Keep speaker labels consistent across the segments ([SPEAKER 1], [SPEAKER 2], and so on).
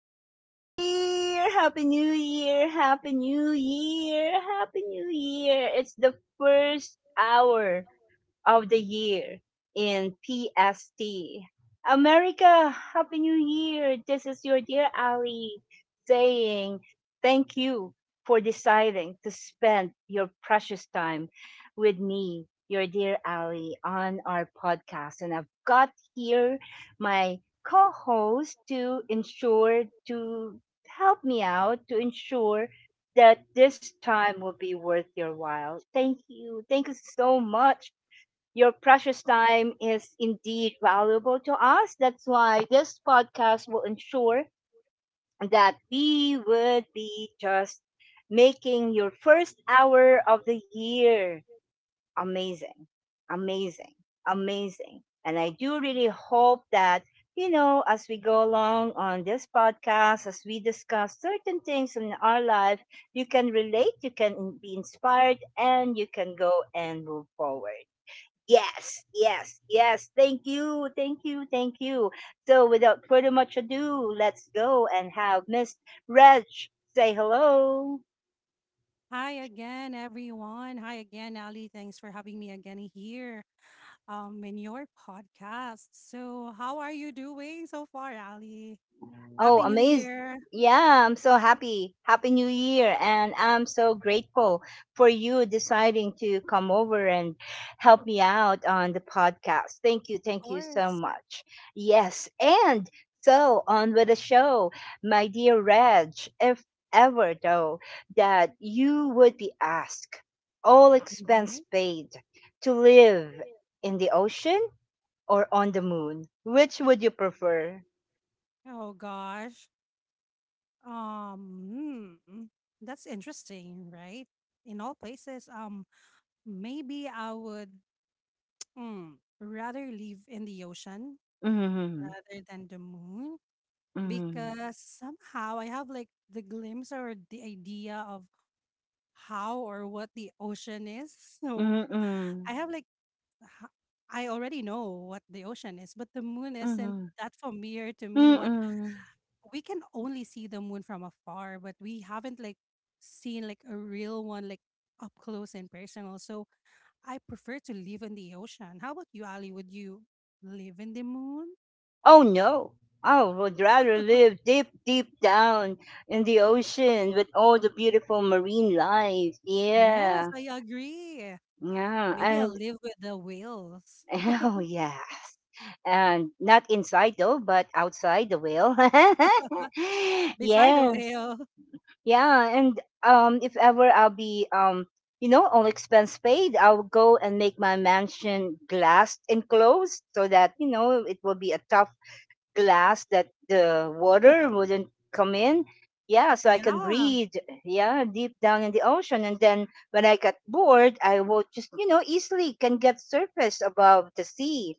[SPEAKER 1] Happy New Year! Happy New Year! Happy New Year! Happy New Year! It's the first hour of the year in PST. America, Happy New Year! This is your dear Ali saying thank you for deciding to spend your precious time with me, your dear Ali, on our podcast. And I've got here my co host to ensure to help me out to ensure that this time will be worth your while. Thank you. Thank you so much, your precious time is indeed valuable to us. That's why this podcast will ensure that we would be just making your first hour of the year amazing, amazing, amazing. And I do really hope that, you know, as we go along on this podcast, as we discuss certain things in our life, you can relate, you can be inspired, and you can go and move forward. Yes, yes, yes. Thank you, thank you, thank you. So, without further much ado, let's go and have Miss Reg say hello.
[SPEAKER 2] Hi again, everyone. Hi again, Ali. Thanks for having me again here in your podcast. So, how are you doing so far, Ali?
[SPEAKER 1] Oh,
[SPEAKER 2] Happy New
[SPEAKER 1] amazed.
[SPEAKER 2] Year,
[SPEAKER 1] Yeah, I'm so happy. Happy New Year. And I'm so grateful for you deciding to come over and help me out on the podcast. Thank you.
[SPEAKER 2] of
[SPEAKER 1] Thank you so
[SPEAKER 2] course.
[SPEAKER 1] much. Yes. And so on with the show, my dear Reg, if ever though that you would be asked, all expense
[SPEAKER 2] hmm
[SPEAKER 1] paid, to live in the ocean or on the moon, which would you prefer?
[SPEAKER 2] Oh gosh. Um, hmm, that's interesting, right? In all places, maybe I would mm, rather live in the ocean
[SPEAKER 1] Hmm.
[SPEAKER 2] rather than the moon. Because somehow I have like the glimpse or the idea of how or what the ocean is. So
[SPEAKER 1] Mm-mm.
[SPEAKER 2] I have like, h- I already know what the ocean is, but the moon isn't
[SPEAKER 1] Mm-mm.
[SPEAKER 2] that familiar to me. What,
[SPEAKER 1] Mm-mm.
[SPEAKER 2] we can only see the moon from afar, but we haven't like seen like a real one, like up close and personal. So I prefer to live in the ocean. How about you, Ali? Would you live in the moon?
[SPEAKER 1] Oh, no. I would rather live deep, deep down in the ocean with all the beautiful marine life.
[SPEAKER 2] Yes,
[SPEAKER 1] Yeah.
[SPEAKER 2] I agree.
[SPEAKER 1] Yeah.
[SPEAKER 2] Maybe I'll
[SPEAKER 1] And,
[SPEAKER 2] live with the whales.
[SPEAKER 1] oh, yeah. And not inside, though, but outside the whale.
[SPEAKER 2] Beside the
[SPEAKER 1] Yes.
[SPEAKER 2] whale.
[SPEAKER 1] Yeah. And if ever I'll be, you know, all expense paid, I'll go and make my mansion glassed enclosed so that, you know, it will be a tough glass that the water wouldn't come in. Yeah, so I can
[SPEAKER 2] Yeah,
[SPEAKER 1] breathe, yeah, deep down in the ocean. And then when I get bored, I will just, you know, easily can get surface above the sea.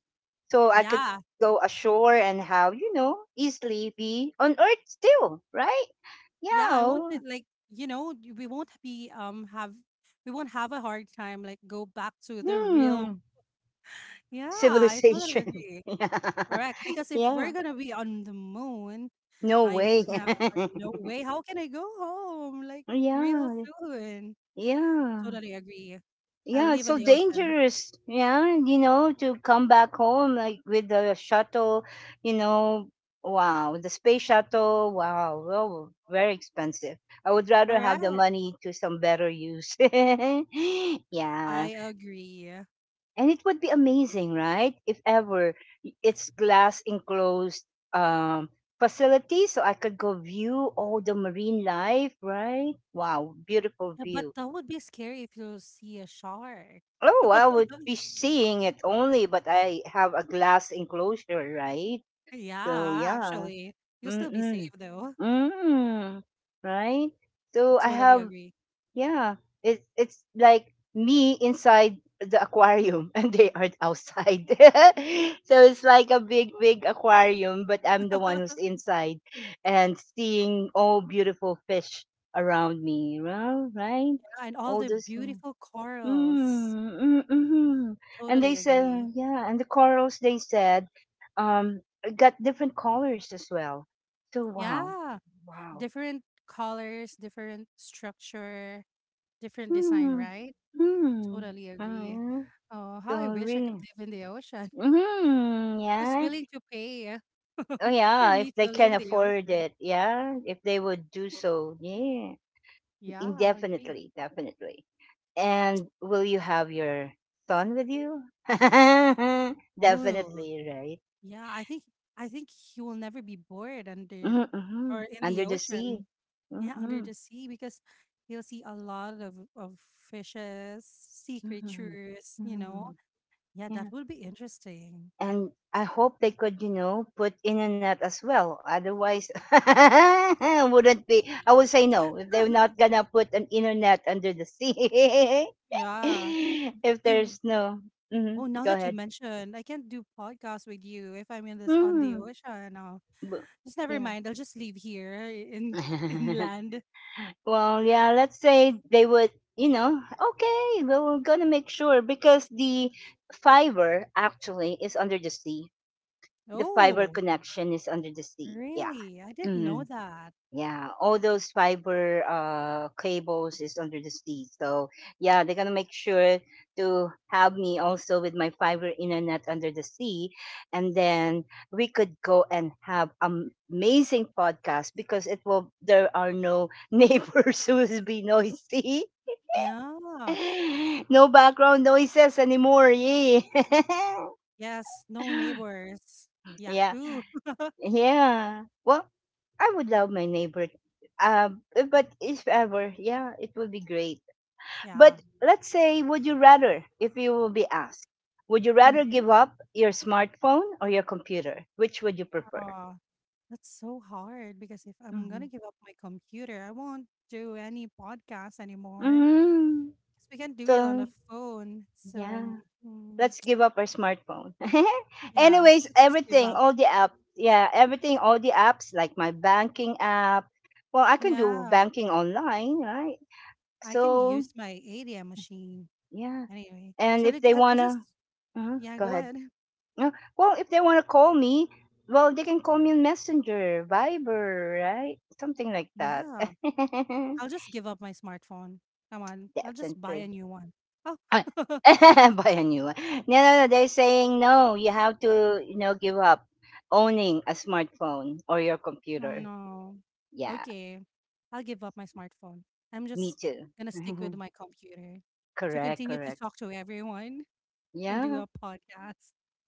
[SPEAKER 1] So I could
[SPEAKER 2] yeah,
[SPEAKER 1] go ashore and have, you know, easily be on earth still, right?
[SPEAKER 2] yeah.
[SPEAKER 1] Yeah.
[SPEAKER 2] I want
[SPEAKER 1] Oh.
[SPEAKER 2] it like you know we won't be have we won't have a hard time like go back to the real.
[SPEAKER 1] Hmm.
[SPEAKER 2] Yeah, I totally
[SPEAKER 1] Civilization.
[SPEAKER 2] agree.
[SPEAKER 1] Yeah.
[SPEAKER 2] Correct. Because if we're
[SPEAKER 1] Yeah.
[SPEAKER 2] gonna be on the moon,
[SPEAKER 1] No
[SPEAKER 2] I
[SPEAKER 1] way.
[SPEAKER 2] mean, no way. How can I go home like real
[SPEAKER 1] Yeah.
[SPEAKER 2] soon?
[SPEAKER 1] Yeah.
[SPEAKER 2] Totally agree. I
[SPEAKER 1] Yeah, it's
[SPEAKER 2] live in
[SPEAKER 1] so
[SPEAKER 2] the ocean.
[SPEAKER 1] dangerous. Yeah, you know, to come back home like with the shuttle, you know, wow, the space shuttle, wow, well, very expensive. I would rather have the
[SPEAKER 2] Correct.
[SPEAKER 1] money to some better use.
[SPEAKER 2] I
[SPEAKER 1] Yeah,
[SPEAKER 2] agree.
[SPEAKER 1] and it would be amazing, right? If ever it's glass enclosed um facility so I could go view all the marine life, right? Wow, beautiful
[SPEAKER 2] Yeah, but
[SPEAKER 1] view.
[SPEAKER 2] that would be scary if you see a shark.
[SPEAKER 1] Oh, I would be seeing it only, but I have a glass enclosure, right? So
[SPEAKER 2] Yeah,
[SPEAKER 1] yeah.
[SPEAKER 2] actually, you'll still be
[SPEAKER 1] Mm-mm.
[SPEAKER 2] safe though.
[SPEAKER 1] Mm. Right?
[SPEAKER 2] I
[SPEAKER 1] So I
[SPEAKER 2] totally
[SPEAKER 1] have
[SPEAKER 2] agree.
[SPEAKER 1] yeah. It's like me inside the aquarium and they are outside. So it's like a big, big aquarium, but I'm the one who's inside and seeing all beautiful fish around me. Well, right?
[SPEAKER 2] Yeah, and all
[SPEAKER 1] All
[SPEAKER 2] the
[SPEAKER 1] this.
[SPEAKER 2] beautiful corals.
[SPEAKER 1] Mm. Mm. Hmm. And they
[SPEAKER 2] Totally agree.
[SPEAKER 1] said, yeah, and the corals they said, um, got different colors as well. So wow,
[SPEAKER 2] Yeah,
[SPEAKER 1] wow.
[SPEAKER 2] different colors, different structure, different design,
[SPEAKER 1] Hmm.
[SPEAKER 2] right?
[SPEAKER 1] Hmm.
[SPEAKER 2] Totally
[SPEAKER 1] Oh,
[SPEAKER 2] agree.
[SPEAKER 1] yeah.
[SPEAKER 2] Oh, how I
[SPEAKER 1] So
[SPEAKER 2] wish I could
[SPEAKER 1] really,
[SPEAKER 2] live in the ocean.
[SPEAKER 1] hmm,
[SPEAKER 2] Who's
[SPEAKER 1] yeah.
[SPEAKER 2] willing to pay
[SPEAKER 1] Oh
[SPEAKER 2] for
[SPEAKER 1] yeah, if
[SPEAKER 2] me
[SPEAKER 1] they
[SPEAKER 2] to
[SPEAKER 1] can
[SPEAKER 2] leave the
[SPEAKER 1] afford
[SPEAKER 2] ocean?
[SPEAKER 1] it, yeah. If they would do so, yeah,
[SPEAKER 2] Yeah, I agree.
[SPEAKER 1] indefinitely, definitely. And will you have your son with you?
[SPEAKER 2] Oh,
[SPEAKER 1] Definitely, right?
[SPEAKER 2] yeah, I think he will never be bored under
[SPEAKER 1] Mm.
[SPEAKER 2] or
[SPEAKER 1] Mhm.
[SPEAKER 2] in the
[SPEAKER 1] Under the sea.
[SPEAKER 2] ocean. Yeah, under
[SPEAKER 1] Mm-mm.
[SPEAKER 2] the sea because you'll see a lot of fishes, sea
[SPEAKER 1] Hmm.
[SPEAKER 2] creatures, you
[SPEAKER 1] Mhm,
[SPEAKER 2] know.
[SPEAKER 1] mhm.
[SPEAKER 2] Yeah, that
[SPEAKER 1] Yeah.
[SPEAKER 2] would be interesting.
[SPEAKER 1] And I hope they could, you know, put in a net as well. Otherwise, wouldn't be. I would say no if they're not gonna put an inner net under the sea.
[SPEAKER 2] Yeah.
[SPEAKER 1] If
[SPEAKER 2] We w-
[SPEAKER 1] there's no, mm hmm,
[SPEAKER 2] oh, now
[SPEAKER 1] go
[SPEAKER 2] that you
[SPEAKER 1] ahead.
[SPEAKER 2] mentioned, I can't do podcast with you if I'm in this on the
[SPEAKER 1] Mm.
[SPEAKER 2] ocean. Now,
[SPEAKER 1] Bu-
[SPEAKER 2] just never
[SPEAKER 1] Yeah.
[SPEAKER 2] mind. I'll just leave here in in land.
[SPEAKER 1] Well, yeah, let's say they would, you know, okay, well, we're going to make sure because the fiber actually is under the sea. The fiber
[SPEAKER 2] Oh,
[SPEAKER 1] connection is under the sea. Yeah.
[SPEAKER 2] really? I didn't know
[SPEAKER 1] Mm-hmm.
[SPEAKER 2] that.
[SPEAKER 1] Yeah, all those fiber cables is under the sea. So yeah, they're gonna make sure to have me also with my fiber internet under the sea, and then we could go and have amazing podcast because it will there are no neighbors who will be noisy,
[SPEAKER 2] Yeah.
[SPEAKER 1] no background noises anymore. Yeah,
[SPEAKER 2] Yes, no neighbors.
[SPEAKER 1] yeah.
[SPEAKER 2] Yahoo.
[SPEAKER 1] Yeah. Well, I would love my neighbor. But if ever, yeah, it would be great.
[SPEAKER 2] Yeah.
[SPEAKER 1] But let's say, would you rather, if you will be asked, would you rather
[SPEAKER 2] Mm-hmm.
[SPEAKER 1] give up your smartphone or your computer? Which would you prefer?
[SPEAKER 2] Oh, that's so hard because if I'm gonna
[SPEAKER 1] Hmm.
[SPEAKER 2] give up my computer, I won't do any podcast anymore.
[SPEAKER 1] Mm,
[SPEAKER 2] Because we can do it on the
[SPEAKER 1] so
[SPEAKER 2] phone.
[SPEAKER 1] yeah,
[SPEAKER 2] So mm,
[SPEAKER 1] let's give up our smartphone.
[SPEAKER 2] yeah,
[SPEAKER 1] Anyways,
[SPEAKER 2] let's just give
[SPEAKER 1] everything,
[SPEAKER 2] up.
[SPEAKER 1] all the apps. Yeah, everything, all the apps like my banking app. Well, I can do
[SPEAKER 2] Yeah,
[SPEAKER 1] banking online, right?
[SPEAKER 2] I can
[SPEAKER 1] So
[SPEAKER 2] use my ADM machine
[SPEAKER 1] yeah.
[SPEAKER 2] anyway.
[SPEAKER 1] And
[SPEAKER 2] So
[SPEAKER 1] if they
[SPEAKER 2] I'll just
[SPEAKER 1] wanna, uh,
[SPEAKER 2] yeah,
[SPEAKER 1] go
[SPEAKER 2] go
[SPEAKER 1] ahead.
[SPEAKER 2] ahead.
[SPEAKER 1] No, well, if they wanna call me, well, they can call me on Messenger, Viber, right? Something like that.
[SPEAKER 2] Yeah, I'll just give up my smartphone. Come on, I'll just buy a
[SPEAKER 1] Definitely.
[SPEAKER 2] new one. Oh,
[SPEAKER 1] Ah, buy a new one. No, no, no. They're saying no. You have to, you know, give up owning a smartphone or your
[SPEAKER 2] oh,
[SPEAKER 1] computer.
[SPEAKER 2] no.
[SPEAKER 1] Yeah,
[SPEAKER 2] Okay. I'll give up my smartphone. I'm
[SPEAKER 1] me
[SPEAKER 2] just
[SPEAKER 1] too.
[SPEAKER 2] gonna stick with my computer to
[SPEAKER 1] Correct,
[SPEAKER 2] continue to
[SPEAKER 1] correct.
[SPEAKER 2] talk to everyone and do a
[SPEAKER 1] Yeah,
[SPEAKER 2] podcast.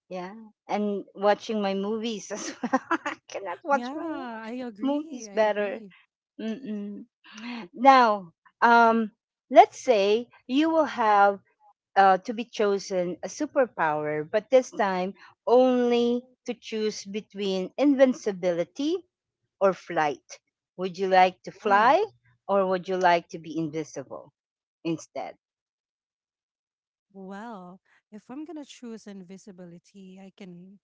[SPEAKER 1] yeah. And watching my movies as well. I cannot watch my
[SPEAKER 2] Yeah, I agree.
[SPEAKER 1] movies
[SPEAKER 2] I
[SPEAKER 1] better.
[SPEAKER 2] agree.
[SPEAKER 1] Mm-mm. Now, um, let's say you will have to be chosen a superpower, but this time only to choose between invincibility or flight. Would you like to
[SPEAKER 2] Oh,
[SPEAKER 1] fly or would you like to be invisible instead?
[SPEAKER 2] well, if I'm gonna choose invisibility, I can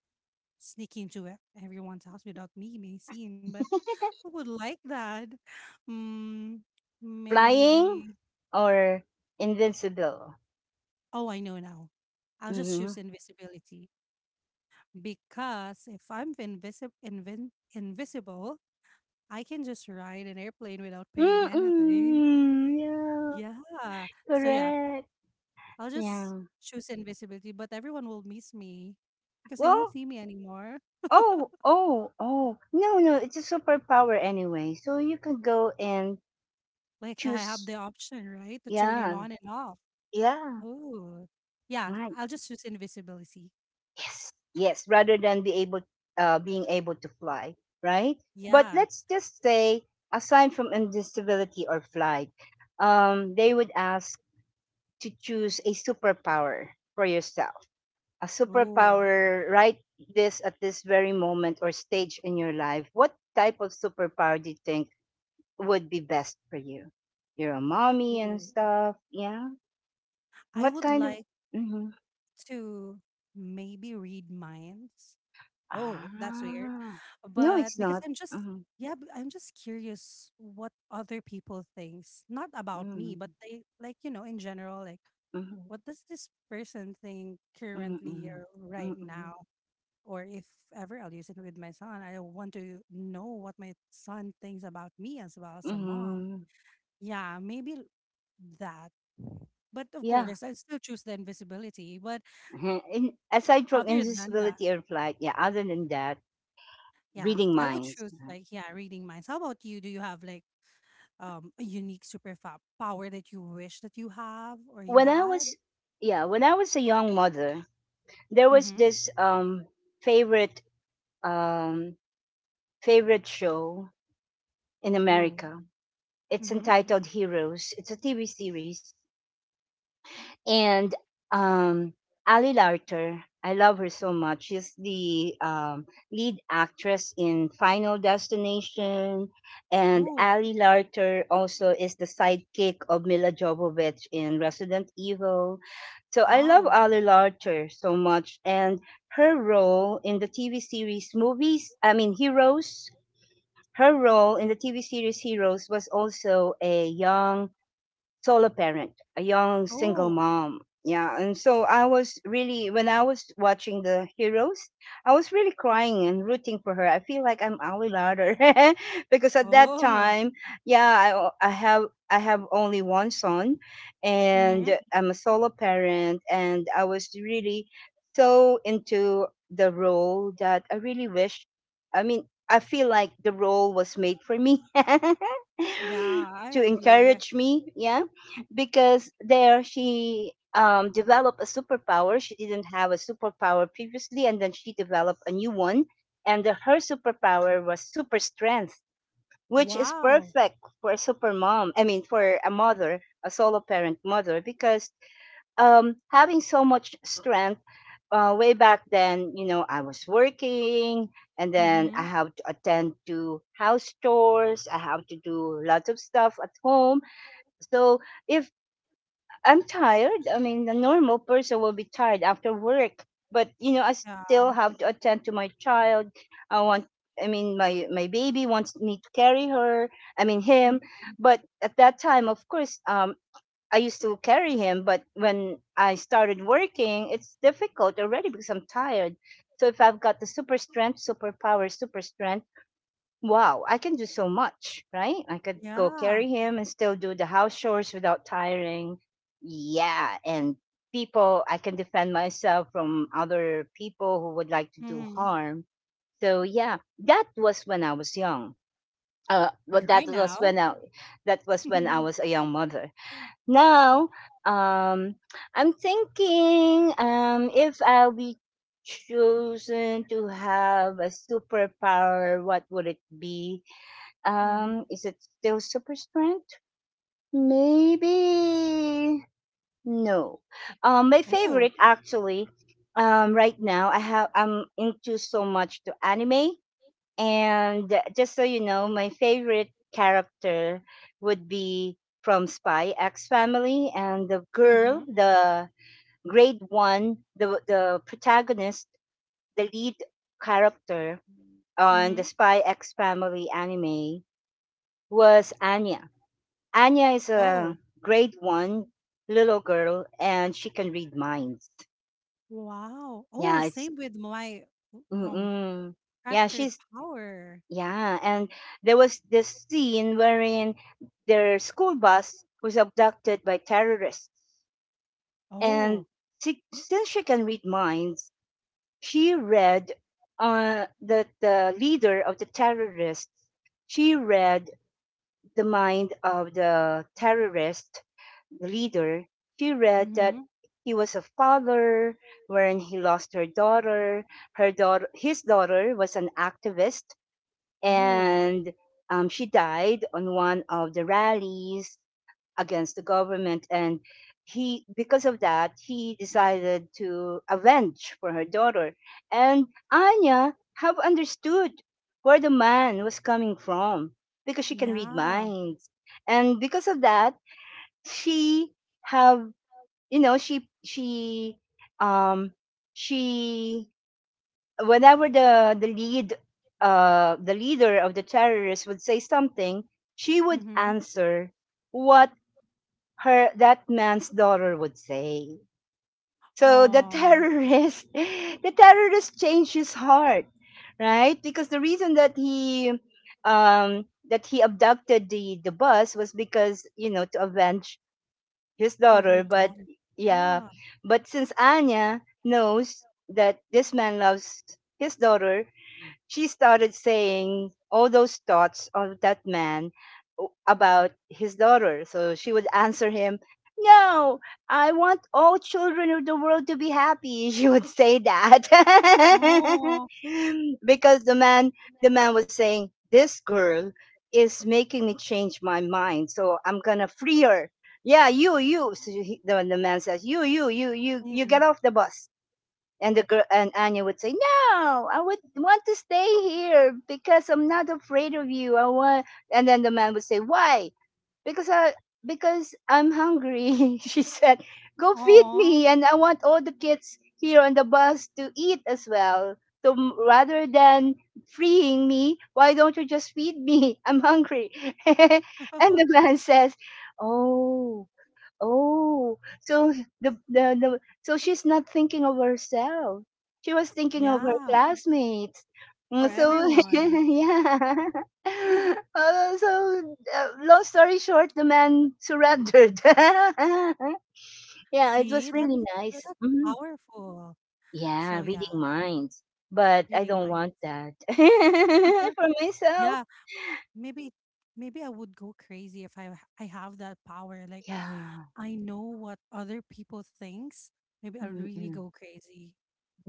[SPEAKER 2] sneak into everyone's house without me being seen, but who would like that? Mm,
[SPEAKER 1] Flying
[SPEAKER 2] maybe.
[SPEAKER 1] or invincible?
[SPEAKER 2] Oh, I know now. I'll just
[SPEAKER 1] Mm-hmm.
[SPEAKER 2] choose invisibility. Because if I'm invisible, I can just ride an airplane without paying anything.
[SPEAKER 1] Mm-mm. Yeah,
[SPEAKER 2] Yeah. So, yeah,
[SPEAKER 1] correct.
[SPEAKER 2] I'll just
[SPEAKER 1] Yeah.
[SPEAKER 2] choose invisibility, but everyone will miss me because they won't
[SPEAKER 1] Well,
[SPEAKER 2] see me anymore.
[SPEAKER 1] oh, oh, oh. No, no, it's a superpower anyway. So you can go and
[SPEAKER 2] Like, I have
[SPEAKER 1] choose.
[SPEAKER 2] the option, right, to turn it
[SPEAKER 1] Yeah,
[SPEAKER 2] on and off.
[SPEAKER 1] yeah,
[SPEAKER 2] Oh, yeah,
[SPEAKER 1] right.
[SPEAKER 2] I'll just choose invisibility.
[SPEAKER 1] Yes, yes, rather than being able to fly, right? But
[SPEAKER 2] Yeah.
[SPEAKER 1] let's just say, aside from invisibility or flight, they would ask to choose a superpower for yourself. A
[SPEAKER 2] Oh,
[SPEAKER 1] superpower, right? This, at this very moment or stage in your life. What type of superpower do you think would be best for you? You're a mommy and
[SPEAKER 2] oh.
[SPEAKER 1] stuff. Yeah.
[SPEAKER 2] I
[SPEAKER 1] What
[SPEAKER 2] would
[SPEAKER 1] kind of?
[SPEAKER 2] like
[SPEAKER 1] Hmm.
[SPEAKER 2] to maybe read minds. Oh,
[SPEAKER 1] Ah,
[SPEAKER 2] that's weird.
[SPEAKER 1] no,
[SPEAKER 2] But
[SPEAKER 1] it's
[SPEAKER 2] because
[SPEAKER 1] not.
[SPEAKER 2] I'm just
[SPEAKER 1] Mm-hmm.
[SPEAKER 2] yeah, but I'm just curious what other people thinks, not about me,
[SPEAKER 1] Mm-hmm.
[SPEAKER 2] but they like you know in general, like what does this person think currently
[SPEAKER 1] Mm-hmm.
[SPEAKER 2] or right
[SPEAKER 1] Mm-hmm.
[SPEAKER 2] now, or if ever I'll use it with my son. I want to know what my son thinks about me as well as a mom.
[SPEAKER 1] Mm-hmm.
[SPEAKER 2] Yeah, maybe that. But of
[SPEAKER 1] Yeah.
[SPEAKER 2] course, I still choose the invisibility. But
[SPEAKER 1] In, aside from
[SPEAKER 2] other than that.
[SPEAKER 1] invisibility or flight, yeah. Other than that,
[SPEAKER 2] Yeah,
[SPEAKER 1] reading
[SPEAKER 2] I would
[SPEAKER 1] minds,
[SPEAKER 2] choose
[SPEAKER 1] right?
[SPEAKER 2] like yeah, reading minds. How about you? Do you have like a unique power that you wish that you have or you
[SPEAKER 1] When I
[SPEAKER 2] had?
[SPEAKER 1] was, yeah, when I was a young mother, there was
[SPEAKER 2] Mm-hmm.
[SPEAKER 1] this favorite um favorite show in
[SPEAKER 2] Ooh.
[SPEAKER 1] America. It's
[SPEAKER 2] Mm-hmm.
[SPEAKER 1] entitled Heroes. It's a TV series. And um, Ali Larter, I love her so much. She's the lead actress in Final Destination. And
[SPEAKER 2] Ooh.
[SPEAKER 1] Ali Larter also is the sidekick of Mila Jovovich in Resident Evil. So I love
[SPEAKER 2] Wow.
[SPEAKER 1] Ali Larter so much. And her role in the TV series movies, I mean, Heroes, her role in the TV series Heroes was also a young solo parent, a young single
[SPEAKER 2] Oh.
[SPEAKER 1] mom. Yeah, and so I was really, when I was watching the heroes, I was really crying and rooting for her. I feel like I'm Ali Larder because at that
[SPEAKER 2] Oh.
[SPEAKER 1] time, yeah, I, I have I have only one son,
[SPEAKER 2] Mm-hmm.
[SPEAKER 1] and I'm a solo parent, and I was really so into the role that I really wish. I mean, I feel like the role was made for me.
[SPEAKER 2] Yeah, I
[SPEAKER 1] To
[SPEAKER 2] agree.
[SPEAKER 1] encourage me, yeah, because there she developed a superpower. She didn't have a superpower previously, and then she developed a new one. And her superpower was super strength, which is
[SPEAKER 2] Wow.
[SPEAKER 1] perfect for a super mom. I mean, for a mother, a solo parent mother, because having so much strength. Way back then, you know, I was working and then
[SPEAKER 2] Mm-hmm.
[SPEAKER 1] I have to attend to house chores. I have to do lots of stuff at home. So if I'm tired. I mean, the normal person will be tired after work, but you know, I
[SPEAKER 2] Yeah.
[SPEAKER 1] still have to attend to my child. I want, I mean, my baby wants me to carry her. I mean, him.
[SPEAKER 2] Mm-hmm.
[SPEAKER 1] But at that time, of course, I used to carry him. But when I started working, it's difficult already because I'm tired. So if I've got the super strength, superpower, super strength, wow, I can do so much, right? I could go
[SPEAKER 2] Yeah.
[SPEAKER 1] carry him and still do the house chores without tiring. Yeah, and people, I can defend myself from other people who would like to do
[SPEAKER 2] Mm-hmm.
[SPEAKER 1] harm. So yeah, that was when I was young.
[SPEAKER 2] But
[SPEAKER 1] Well,
[SPEAKER 2] right now.
[SPEAKER 1] that was when I
[SPEAKER 2] mm-hmm.
[SPEAKER 1] was a young mother. Now, um, I'm thinking, if I'll be chosen to have a superpower, what would it be? Is it still super strength? Maybe no. My
[SPEAKER 2] Oh.
[SPEAKER 1] favorite actually. Right now I have I'm into so much to anime, and just so you know, my favorite character would be from Spy X Family, and the
[SPEAKER 2] Mm-hmm.
[SPEAKER 1] girl, the grade one, the protagonist, the lead character on
[SPEAKER 2] Mm-hmm.
[SPEAKER 1] the Spy X Family anime was Anya. Anya is a
[SPEAKER 2] Oh.
[SPEAKER 1] grade one little girl and she can read minds.
[SPEAKER 2] Wow. Oh,
[SPEAKER 1] Yeah, it's
[SPEAKER 2] same with my um
[SPEAKER 1] mm-mm. yeah,
[SPEAKER 2] captured
[SPEAKER 1] she's
[SPEAKER 2] power.
[SPEAKER 1] yeah, and there was this scene wherein their school bus was abducted by terrorists, and
[SPEAKER 2] Oh.
[SPEAKER 1] she, since she can read minds, she read that the leader of the terrorists, she read the mind of the terrorist leader. She read that
[SPEAKER 2] Mhm.
[SPEAKER 1] he was a father when he lost her daughter. Her daughter, his daughter, was an activist,
[SPEAKER 2] Oh,
[SPEAKER 1] and she died on one of the rallies against the government. And he because of that he decided to avenge for her daughter, and Anya have understood where the man was coming from because she can read
[SPEAKER 2] yeah.
[SPEAKER 1] minds. And because of that she have you know um she whenever the leader of the terrorists would say something, she would
[SPEAKER 2] Mhm.
[SPEAKER 1] answer what her that man's daughter would say. So the
[SPEAKER 2] Oh.
[SPEAKER 1] terrorist, the terrorist changed his heart, right? Because the reason that he abducted the bus was because, you know, to avenge his
[SPEAKER 2] For
[SPEAKER 1] daughter.
[SPEAKER 2] her
[SPEAKER 1] But
[SPEAKER 2] daughter.
[SPEAKER 1] yeah,
[SPEAKER 2] Yeah.
[SPEAKER 1] but since Anya knows that this man loves his daughter, she started saying all those thoughts of that man about his daughter. So she would answer him, "No, I want all children of the world to be happy." She would say that.
[SPEAKER 2] Right. Oh.
[SPEAKER 1] Because the man the
[SPEAKER 2] But
[SPEAKER 1] man was saying, "This girl is making me change my mind. So I'm gonna free her. Yeah, you, you." So he, the man says, You
[SPEAKER 2] Mm.
[SPEAKER 1] get off the bus." And the girl and Anya would say, "No, I would want to stay here because I'm not afraid of you. I want." And then the man would say, "Why? Because I because I'm hungry." She said, "Go feed
[SPEAKER 2] Aw.
[SPEAKER 1] me, and I want all the kids here on the bus to eat as well. So rather than freeing me, why don't you just feed me? I'm hungry." And the man says, "Oh." Oh, so the so she's not thinking of herself. She was thinking of her
[SPEAKER 2] Yeah,
[SPEAKER 1] classmates.
[SPEAKER 2] for
[SPEAKER 1] Mm, so
[SPEAKER 2] everyone.
[SPEAKER 1] yeah. So long story short, the man surrendered. Yeah, it
[SPEAKER 2] See,
[SPEAKER 1] was
[SPEAKER 2] that's
[SPEAKER 1] really nice.
[SPEAKER 2] that's
[SPEAKER 1] Mhm.
[SPEAKER 2] powerful. So,
[SPEAKER 1] Yeah, reading
[SPEAKER 2] yeah,
[SPEAKER 1] minds, but I
[SPEAKER 2] reading
[SPEAKER 1] don't
[SPEAKER 2] minds.
[SPEAKER 1] want that for myself.
[SPEAKER 2] Yeah, maybe maybe I would go crazy if I have that power, like,
[SPEAKER 1] Yeah.
[SPEAKER 2] I know what other people thinks. Maybe I'll really
[SPEAKER 1] Mm-mm.
[SPEAKER 2] go crazy,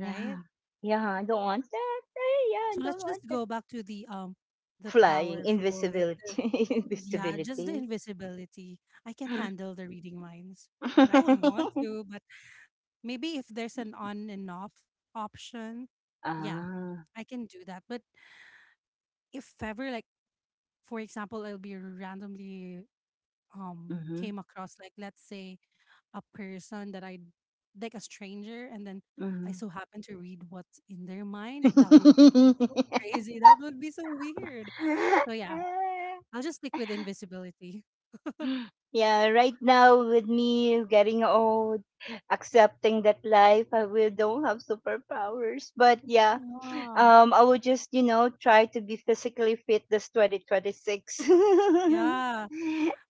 [SPEAKER 2] right?
[SPEAKER 1] Yeah, I don't want that. Eh, yeah, I
[SPEAKER 2] So
[SPEAKER 1] don't
[SPEAKER 2] let's just
[SPEAKER 1] want that.
[SPEAKER 2] go back to the
[SPEAKER 1] Flying,
[SPEAKER 2] powerful like the
[SPEAKER 1] invisibility,
[SPEAKER 2] yeah, just the
[SPEAKER 1] invisibility.
[SPEAKER 2] invisibility. I can't handle the reading minds. But I would want to, but maybe if there's an on and off option, yeah,
[SPEAKER 1] Ah,
[SPEAKER 2] I can do that. But if ever like for example, I'll be randomly
[SPEAKER 1] mhm,
[SPEAKER 2] came across like let's say a person that I like a stranger and then I
[SPEAKER 1] mhm.
[SPEAKER 2] so happen to read what's in their mind, that would be
[SPEAKER 1] Ah,
[SPEAKER 2] so crazy. That would be so weird. So yeah, I'll just stick with invisibility.
[SPEAKER 1] yeah, right now with me getting old, accepting that life, I will don't have superpowers. But yeah,
[SPEAKER 2] Yeah.
[SPEAKER 1] I would just, you know, try to be physically fit this 2026.
[SPEAKER 2] Yeah,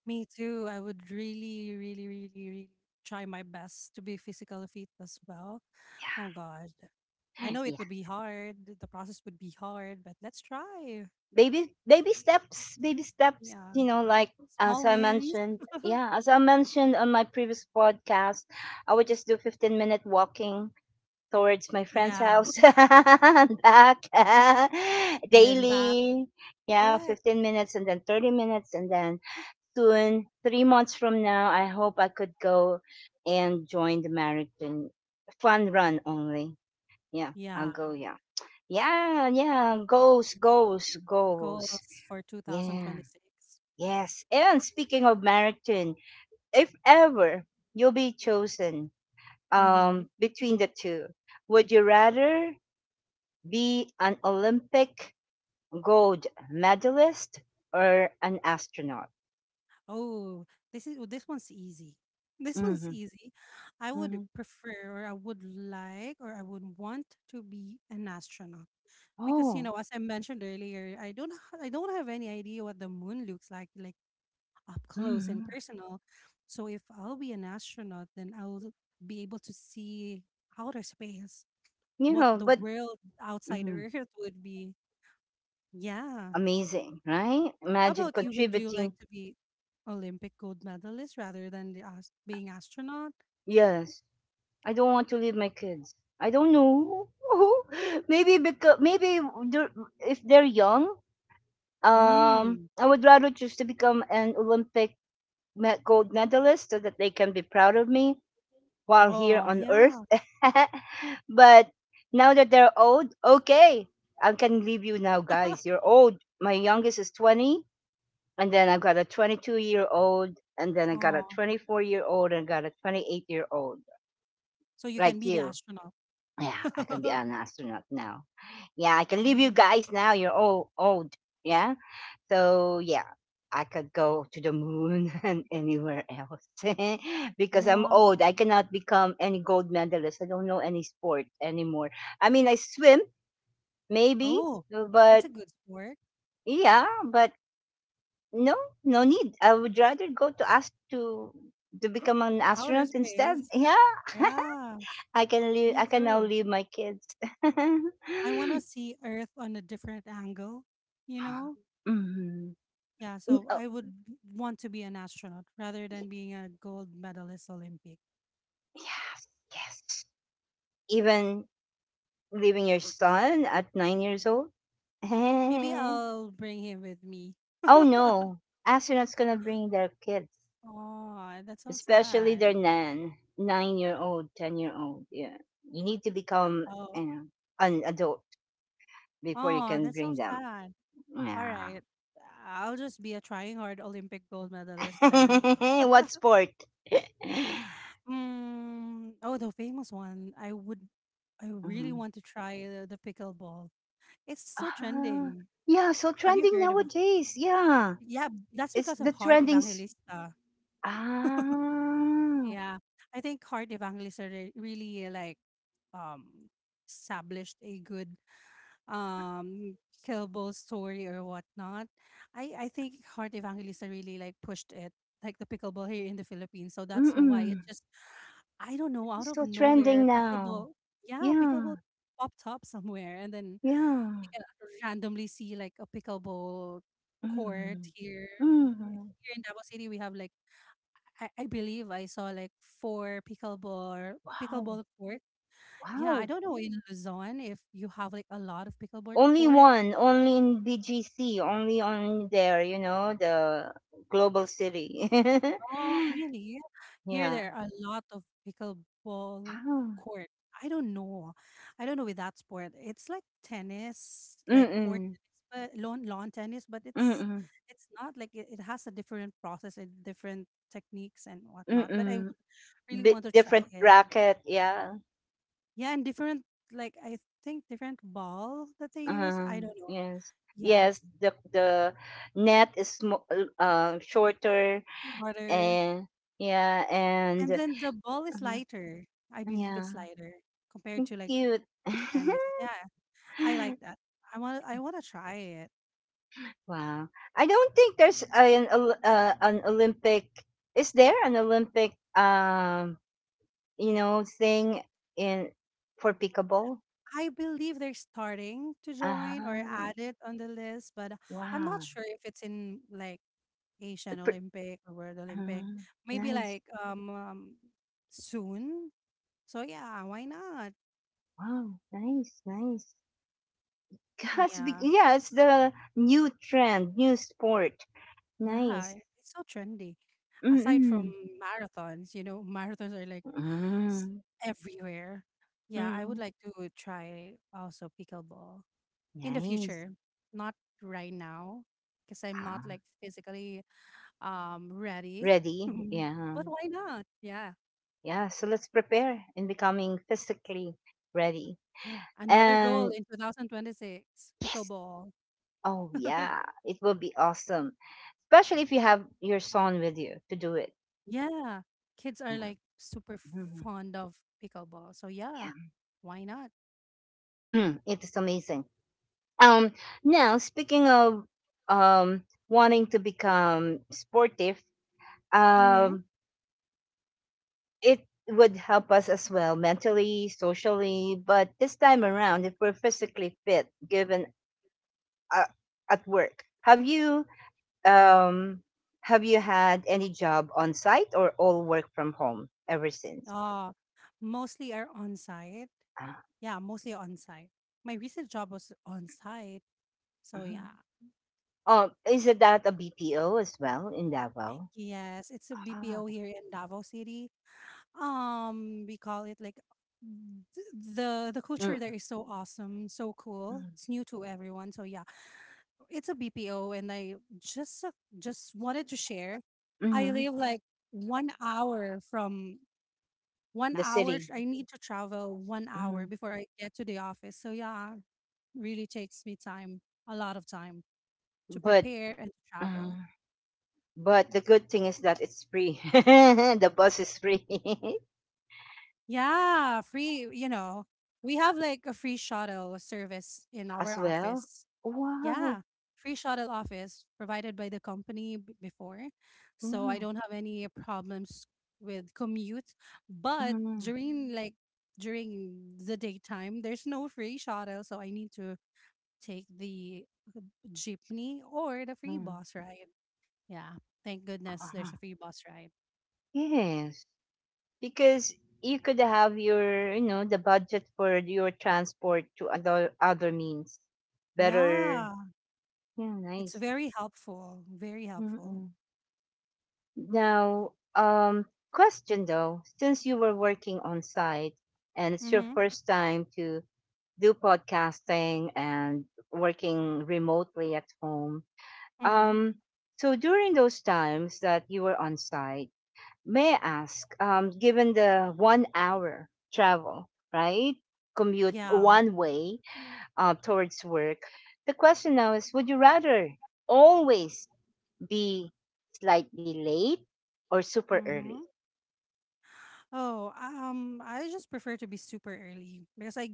[SPEAKER 2] me too. I would really, really, really, really try my best to be physically fit as well. Oh God. I know it
[SPEAKER 1] Yeah.
[SPEAKER 2] would be hard. The process would be hard, but let's try.
[SPEAKER 1] Baby steps, baby steps,
[SPEAKER 2] Yeah.
[SPEAKER 1] you know, like, as
[SPEAKER 2] Small
[SPEAKER 1] I
[SPEAKER 2] wins.
[SPEAKER 1] mentioned, yeah, as I mentioned on my previous podcast, I would just do 15-minute walking towards my friend's
[SPEAKER 2] Yeah.
[SPEAKER 1] house and back
[SPEAKER 2] And then back.
[SPEAKER 1] daily. Yeah,
[SPEAKER 2] Correct.
[SPEAKER 1] 15 minutes, and then 30 minutes, and then soon, 3 months from now, I hope I could go and join the marathon, fun run only. Yeah, I'll
[SPEAKER 2] Yeah.
[SPEAKER 1] go, yeah. Yeah, yeah, goals, goals, goals.
[SPEAKER 2] Goals for
[SPEAKER 1] Yeah,
[SPEAKER 2] 2026.
[SPEAKER 1] yes. And speaking of marathon, if ever you'll be chosen
[SPEAKER 2] Mm-hmm.
[SPEAKER 1] between the two, would you rather be an Olympic gold medalist or an astronaut?
[SPEAKER 2] Oh, this is oh, this one's easy. This one's
[SPEAKER 1] Hmm.
[SPEAKER 2] easy. I would
[SPEAKER 1] Hmm.
[SPEAKER 2] prefer, or I would like, or I would want to be an astronaut because you
[SPEAKER 1] Oh,
[SPEAKER 2] know, as I mentioned earlier, I don't, I don't have any idea what the moon looks like up close and
[SPEAKER 1] hmm.
[SPEAKER 2] personal. So if I'll be an astronaut, then I'll be able to see outer space,
[SPEAKER 1] You
[SPEAKER 2] what
[SPEAKER 1] know,
[SPEAKER 2] the
[SPEAKER 1] but
[SPEAKER 2] world outside
[SPEAKER 1] mhm,
[SPEAKER 2] Earth would be. Yeah.
[SPEAKER 1] amazing, right?
[SPEAKER 2] How
[SPEAKER 1] Imagine
[SPEAKER 2] about you? Would you
[SPEAKER 1] contributing.
[SPEAKER 2] like to be Olympic gold medalist rather than the being astronaut?
[SPEAKER 1] Yes, I don't want to leave my kids. I don't know. Maybe because maybe dur- if they're young.
[SPEAKER 2] Mm.
[SPEAKER 1] I would rather choose to become an Olympic gold medalist so that they can be proud of me while here
[SPEAKER 2] Oh,
[SPEAKER 1] on
[SPEAKER 2] yeah.
[SPEAKER 1] Earth. But now that they're old, okay, I can leave you now, guys. You're old. My youngest is 20, and then I've got a 22-year-old, and then I got a
[SPEAKER 2] Oh,
[SPEAKER 1] 24-year-old, and I got a 28-year-old,
[SPEAKER 2] so you
[SPEAKER 1] like
[SPEAKER 2] can be the
[SPEAKER 1] you.
[SPEAKER 2] astronaut.
[SPEAKER 1] Yeah, I can be an astronaut now. Yeah, I can
[SPEAKER 2] Yeah.
[SPEAKER 1] leave you guys now. You're all old. Yeah. So yeah, I could go to the moon and anywhere else because I'm
[SPEAKER 2] Yeah.
[SPEAKER 1] old. I cannot become any gold medalist. I don't know any sport anymore. I mean, I swim maybe,
[SPEAKER 2] Oh, that's
[SPEAKER 1] but
[SPEAKER 2] a good sport.
[SPEAKER 1] yeah, but no, no need. I would rather go to ask to become an
[SPEAKER 2] Outer
[SPEAKER 1] astronaut instead.
[SPEAKER 2] space.
[SPEAKER 1] Yeah,
[SPEAKER 2] Yeah,
[SPEAKER 1] I can leave.
[SPEAKER 2] me
[SPEAKER 1] I can now
[SPEAKER 2] too.
[SPEAKER 1] leave my kids.
[SPEAKER 2] I want to see Earth on a different angle, you know?
[SPEAKER 1] Mhm.
[SPEAKER 2] Yeah,
[SPEAKER 1] Mm,
[SPEAKER 2] so
[SPEAKER 1] oh,
[SPEAKER 2] I would want to be an astronaut rather than being a gold medalist Olympic.
[SPEAKER 1] yes, yes. Even leaving your son at 9 years old?
[SPEAKER 2] Maybe
[SPEAKER 1] Oh
[SPEAKER 2] I'll bring him with me.
[SPEAKER 1] no, astronauts gonna bring their kids,
[SPEAKER 2] Oh, that's so
[SPEAKER 1] especially
[SPEAKER 2] sad.
[SPEAKER 1] their nine-year-old, 10-year-old. Yeah, you need to become
[SPEAKER 2] Oh,
[SPEAKER 1] uh, an adult before you
[SPEAKER 2] oh,
[SPEAKER 1] can
[SPEAKER 2] that's so
[SPEAKER 1] bring them.
[SPEAKER 2] sad.
[SPEAKER 1] Yeah.
[SPEAKER 2] Alright, I'll just be a trying hard Olympic gold medalist then.
[SPEAKER 1] What sport?
[SPEAKER 2] Mm, oh, the famous one. I really
[SPEAKER 1] Mhm.
[SPEAKER 2] want to try the pickleball. It's so
[SPEAKER 1] Ah,
[SPEAKER 2] trending.
[SPEAKER 1] yeah. So
[SPEAKER 2] Have you
[SPEAKER 1] trending
[SPEAKER 2] heard about
[SPEAKER 1] nowadays. Yeah,
[SPEAKER 2] yeah, that's
[SPEAKER 1] it's
[SPEAKER 2] because of
[SPEAKER 1] the
[SPEAKER 2] Heart
[SPEAKER 1] trending.
[SPEAKER 2] Evangelista.
[SPEAKER 1] Ah,
[SPEAKER 2] Yeah. I think Heart Evangelista really like um established a good um killable story or whatnot. I think Heart Evangelista really like pushed it, like the pickleball here in the Philippines. So that's why it
[SPEAKER 1] mm-mm.
[SPEAKER 2] just I don't know, out
[SPEAKER 1] It's
[SPEAKER 2] of
[SPEAKER 1] so
[SPEAKER 2] nowhere,
[SPEAKER 1] trending now.
[SPEAKER 2] pickleball yeah, pickleball
[SPEAKER 1] Yeah.
[SPEAKER 2] popped up somewhere and then we
[SPEAKER 1] Yeah.
[SPEAKER 2] can randomly see like a pickleball court
[SPEAKER 1] Mhm.
[SPEAKER 2] here. Okay.
[SPEAKER 1] Mhm.
[SPEAKER 2] Here in Davao City we have like I believe I saw like 4 pickleball
[SPEAKER 1] Wow.
[SPEAKER 2] pickleball court. Yeah, I
[SPEAKER 1] Wow.
[SPEAKER 2] don't know in Luzon if you have like a lot of pickleball
[SPEAKER 1] Only
[SPEAKER 2] court.
[SPEAKER 1] one, only in BGC, only on there, you know, the global city.
[SPEAKER 2] Oh, really? Yeah. Here
[SPEAKER 1] Yeah.
[SPEAKER 2] there are a lot of pickleball
[SPEAKER 1] Wow.
[SPEAKER 2] court. I don't know. I don't know with that sport. It's like tennis, like court
[SPEAKER 1] Mm-mm.
[SPEAKER 2] tennis, but lawn tennis, but it's
[SPEAKER 1] Mm-mm.
[SPEAKER 2] it's not like it has a different process and different techniques and whatnot. But I
[SPEAKER 1] Mm-mm.
[SPEAKER 2] would really
[SPEAKER 1] Bi
[SPEAKER 2] want to try
[SPEAKER 1] different
[SPEAKER 2] it.
[SPEAKER 1] bracket, yeah.
[SPEAKER 2] Yeah, and different like I think different ball that they use.
[SPEAKER 1] Uh,
[SPEAKER 2] I don't know.
[SPEAKER 1] yes.
[SPEAKER 2] Yeah.
[SPEAKER 1] Yes, the net is shorter,
[SPEAKER 2] Harder.
[SPEAKER 1] and yeah, and
[SPEAKER 2] And then the ball is
[SPEAKER 1] uh,
[SPEAKER 2] lighter. I believe
[SPEAKER 1] yeah,
[SPEAKER 2] it's lighter compared to like
[SPEAKER 1] cute.
[SPEAKER 2] tennis. Yeah. I like that. I want to try it.
[SPEAKER 1] Wow. I don't think there's an an Olympic. Is there an Olympic you know thing in for pickleball?
[SPEAKER 2] I believe they're starting to join or
[SPEAKER 1] Ah,
[SPEAKER 2] add it on the list, but I'm not
[SPEAKER 1] wow.
[SPEAKER 2] sure if it's in like
[SPEAKER 1] Uh,
[SPEAKER 2] Asian
[SPEAKER 1] pr-
[SPEAKER 2] Olympic or World Olympic.
[SPEAKER 1] uh,
[SPEAKER 2] Maybe
[SPEAKER 1] nice.
[SPEAKER 2] like soon. So yeah, why not?
[SPEAKER 1] Wow, nice, nice. Gosh,
[SPEAKER 2] Yeah.
[SPEAKER 1] yeah, it's the new trend, new sport. Nice.
[SPEAKER 2] Yeah, it's so trendy. Aside from
[SPEAKER 1] Mm-mm.
[SPEAKER 2] marathons, you know, marathons are like s-
[SPEAKER 1] Mm-mm.
[SPEAKER 2] everywhere. Yeah, I would
[SPEAKER 1] Mm-mm.
[SPEAKER 2] like to try also pickleball in the
[SPEAKER 1] Nice.
[SPEAKER 2] future, not right now, because I'm not
[SPEAKER 1] Ah,
[SPEAKER 2] like physically ready.
[SPEAKER 1] ready? Yeah.
[SPEAKER 2] But why not? Yeah,
[SPEAKER 1] Yeah, so let's prepare in becoming physically ready.
[SPEAKER 2] another goal
[SPEAKER 1] And
[SPEAKER 2] in 2026,
[SPEAKER 1] yes,
[SPEAKER 2] pickleball.
[SPEAKER 1] oh yeah, it will be awesome, especially if you have your son with you to do it.
[SPEAKER 2] Yeah, kids are
[SPEAKER 1] Yeah,
[SPEAKER 2] like super
[SPEAKER 1] mhm.
[SPEAKER 2] fond of pickleball, so yeah,
[SPEAKER 1] Yeah,
[SPEAKER 2] why not?
[SPEAKER 1] it is amazing. Um, Now speaking of wanting to become sportive,
[SPEAKER 2] Mm-hmm.
[SPEAKER 1] um, it would help us as well mentally, socially, but this time around, if we're physically fit, given uh, at work, Um, have you had any job on site or all work from home ever since?
[SPEAKER 2] Uh, mostly are on site.
[SPEAKER 1] Ah,
[SPEAKER 2] Yeah, mostly on site. My recent job was on site, so
[SPEAKER 1] mhm.
[SPEAKER 2] yeah.
[SPEAKER 1] Is it that a BPO as well in Davao?
[SPEAKER 2] Yes, it's a
[SPEAKER 1] Ah,
[SPEAKER 2] BPO here in Davao City. Um, we call it like the culture there
[SPEAKER 1] mm,
[SPEAKER 2] is so awesome, so cool,
[SPEAKER 1] mm,
[SPEAKER 2] it's new to everyone, so yeah, it's a BPO and I just wanted to share. I
[SPEAKER 1] mhm.
[SPEAKER 2] live like 1 hour from one
[SPEAKER 1] The
[SPEAKER 2] hour
[SPEAKER 1] city.
[SPEAKER 2] I need to travel 1 hour
[SPEAKER 1] Mhm.
[SPEAKER 2] before I get to the office, so yeah, really takes me time, a lot of time to
[SPEAKER 1] But
[SPEAKER 2] prepare and to travel.
[SPEAKER 1] mhm. But the good thing is that it's free. The bus is free
[SPEAKER 2] Yeah, free, you know, we have like a free shuttle service in our
[SPEAKER 1] as well.
[SPEAKER 2] office
[SPEAKER 1] Wow.
[SPEAKER 2] Yeah, free shuttle office provided by the company before. So I
[SPEAKER 1] Mm,
[SPEAKER 2] don't have any problems with commute. But
[SPEAKER 1] mm,
[SPEAKER 2] during during the daytime, there's no free shuttle, so I need to take the jeepney or the free
[SPEAKER 1] mm.
[SPEAKER 2] bus ride. Yeah. Thank goodness there's
[SPEAKER 1] Ah,
[SPEAKER 2] a free bus ride.
[SPEAKER 1] yes. Because you could have, your you know, the budget for your transport to other means better.
[SPEAKER 2] Yeah.
[SPEAKER 1] Yeah,
[SPEAKER 2] It's
[SPEAKER 1] nice.
[SPEAKER 2] very helpful. Very helpful.
[SPEAKER 1] Mm-mm. Now question though, since you were working on site and it's your
[SPEAKER 2] Mm-hmm.
[SPEAKER 1] first time to do podcasting and working remotely at home,
[SPEAKER 2] Mm-hmm.
[SPEAKER 1] um so during those times that you were on site, may I ask, given the 1 hour travel, right? Commute
[SPEAKER 2] Yeah.
[SPEAKER 1] one way towards work. The question now is, would you rather always be slightly late or super early?
[SPEAKER 2] Mm-hmm. Oh, I just prefer to be super early because I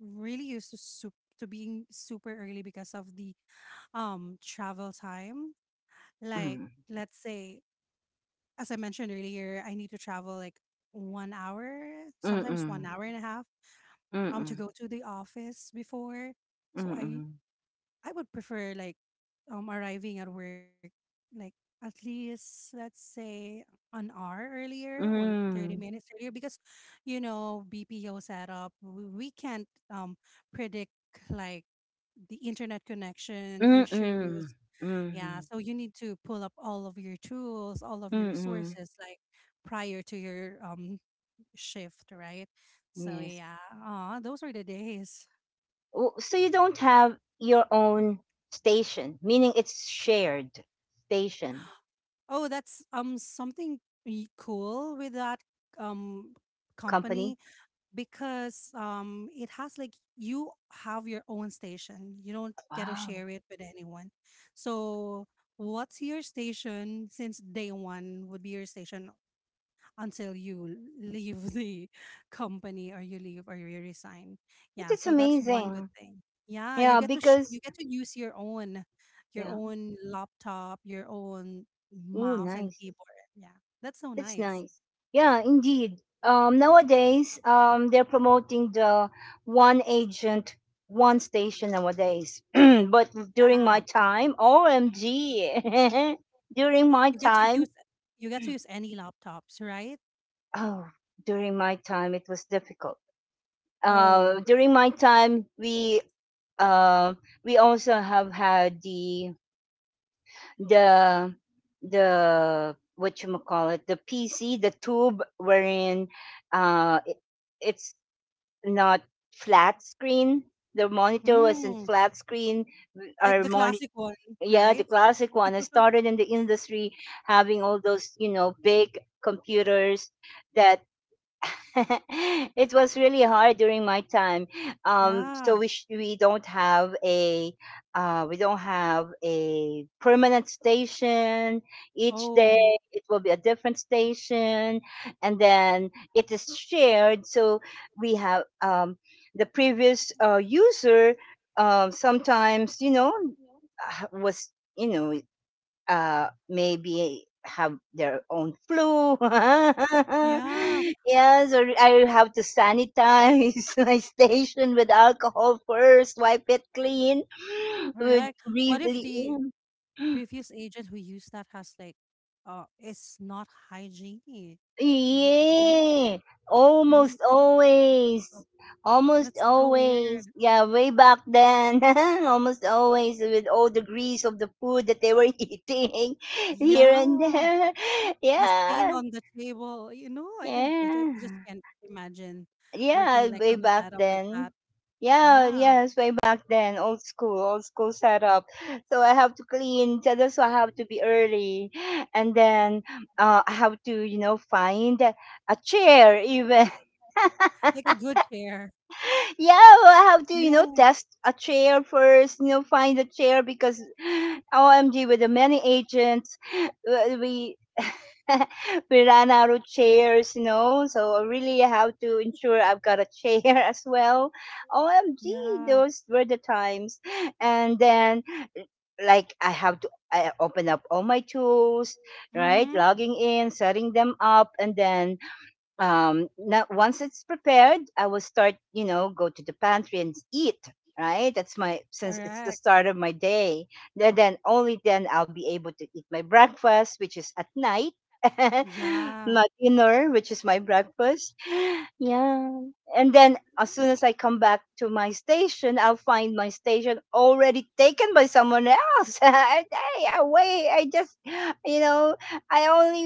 [SPEAKER 2] really used to sup to being super early because of the travel time. Like,
[SPEAKER 1] Mm.
[SPEAKER 2] let's say, as I mentioned earlier, I need to travel like 1 hour, sometimes
[SPEAKER 1] Mm-mm.
[SPEAKER 2] 1 hour and a half, to
[SPEAKER 1] Mm-mm.
[SPEAKER 2] go to the office before. So I
[SPEAKER 1] Mm-mm.
[SPEAKER 2] I would prefer like arriving at work like at least let's say an hour earlier or 30
[SPEAKER 1] Mm.
[SPEAKER 2] minutes earlier because you know BPO setup we can't um predict like the internet connection
[SPEAKER 1] Mm-mm. Mm-mm.
[SPEAKER 2] issues. Yeah,
[SPEAKER 1] Mm-hmm.
[SPEAKER 2] so you need to pull up all of your tools, all of your
[SPEAKER 1] Mm-mm.
[SPEAKER 2] resources like prior to your shift, right? So
[SPEAKER 1] Yes.
[SPEAKER 2] yeah, those were the days.
[SPEAKER 1] Oh, so you don't have your own station, meaning it's shared station
[SPEAKER 2] Oh, that's something cool with that um
[SPEAKER 1] company?
[SPEAKER 2] company, because it has like you have your own station. You don't get to
[SPEAKER 1] Wow.
[SPEAKER 2] share it with anyone. So what's your station since day one would be your station until you leave the company, or you leave, or you resign.
[SPEAKER 1] But
[SPEAKER 2] Yeah,
[SPEAKER 1] it's
[SPEAKER 2] so that's one good
[SPEAKER 1] amazing.
[SPEAKER 2] thing. Yeah, you
[SPEAKER 1] Yeah,
[SPEAKER 2] get to
[SPEAKER 1] because
[SPEAKER 2] you get to use your
[SPEAKER 1] yeah.
[SPEAKER 2] own laptop, your own
[SPEAKER 1] Ooh,
[SPEAKER 2] mouse and
[SPEAKER 1] nice.
[SPEAKER 2] keyboard. Yeah. That's so
[SPEAKER 1] That's
[SPEAKER 2] nice.
[SPEAKER 1] nice. Yeah, indeed. Um, nowadays, um, they're promoting the one agent, one station nowadays. But during my
[SPEAKER 2] Ah,
[SPEAKER 1] time, OMG. During my
[SPEAKER 2] you get to use
[SPEAKER 1] time,
[SPEAKER 2] You get to use any laptops, right?
[SPEAKER 1] oh, during my time it was difficult. Uh,
[SPEAKER 2] Oh.
[SPEAKER 1] during my time uh, we also have had the the the what you call it, the PC, the tube, wherein uh it, it's not flat screen. The monitor wasn't
[SPEAKER 2] Mm,
[SPEAKER 1] flat screen,
[SPEAKER 2] like
[SPEAKER 1] our
[SPEAKER 2] the
[SPEAKER 1] monitor,
[SPEAKER 2] classic one,
[SPEAKER 1] yeah, the
[SPEAKER 2] right?
[SPEAKER 1] classic one. I started in the industry having all those, you know, big computers that it was really hard during my time. So
[SPEAKER 2] Yeah.
[SPEAKER 1] we don't have a we don't have a permanent station. Each day
[SPEAKER 2] Oh.
[SPEAKER 1] it will be a different station, and then it is shared. So we have the previous user. Sometimes, you know, was you know maybe have their own flu.
[SPEAKER 2] Yeah,
[SPEAKER 1] Yes, or I have to sanitize my station with alcohol first, wipe it clean, would
[SPEAKER 2] correct. What if
[SPEAKER 1] really,
[SPEAKER 2] the previous agent who used that has like it's not hygienic? You, yeah,
[SPEAKER 1] yeah,
[SPEAKER 2] you,
[SPEAKER 1] almost always, almost
[SPEAKER 2] that's so
[SPEAKER 1] always,
[SPEAKER 2] weird.
[SPEAKER 1] yeah, way back then. Almost always with all the grease of the food that they were eating here and
[SPEAKER 2] Yeah,
[SPEAKER 1] there,
[SPEAKER 2] the stain
[SPEAKER 1] yeah,
[SPEAKER 2] on the table, you know, I can I just
[SPEAKER 1] yeah.
[SPEAKER 2] can't imagine
[SPEAKER 1] Yeah,
[SPEAKER 2] working like
[SPEAKER 1] way
[SPEAKER 2] on a
[SPEAKER 1] back
[SPEAKER 2] setup like
[SPEAKER 1] then.
[SPEAKER 2] that.
[SPEAKER 1] Yeah,
[SPEAKER 2] Yeah,
[SPEAKER 1] yes, way back then, old school setup. So I have to clean. So that's why I have to be early, and then I have to, you know, find a chair, even
[SPEAKER 2] like a good chair,
[SPEAKER 1] yeah, well, I have to, you know,
[SPEAKER 2] right?
[SPEAKER 1] test a chair first, you know, find a chair because OMG, with the many agents, we we ran out of chairs, you know, so I really have to ensure I've got a chair as well. OMG,
[SPEAKER 2] Yeah.
[SPEAKER 1] those were the times. And then, like, I have to I open up all my tools, right?
[SPEAKER 2] Mm-hmm.
[SPEAKER 1] Logging in, setting them up, and then now once it's prepared, I will start, you know, go to the pantry and eat, right? That's my, since it's the
[SPEAKER 2] Correct.
[SPEAKER 1] start of my day, then only then I'll be able to eat my breakfast, which is at night.
[SPEAKER 2] Yeah.
[SPEAKER 1] My dinner, which is my breakfast. Yeah, and then as soon as I come back to my station, I'll find my station already taken by someone else. I just, you know, I only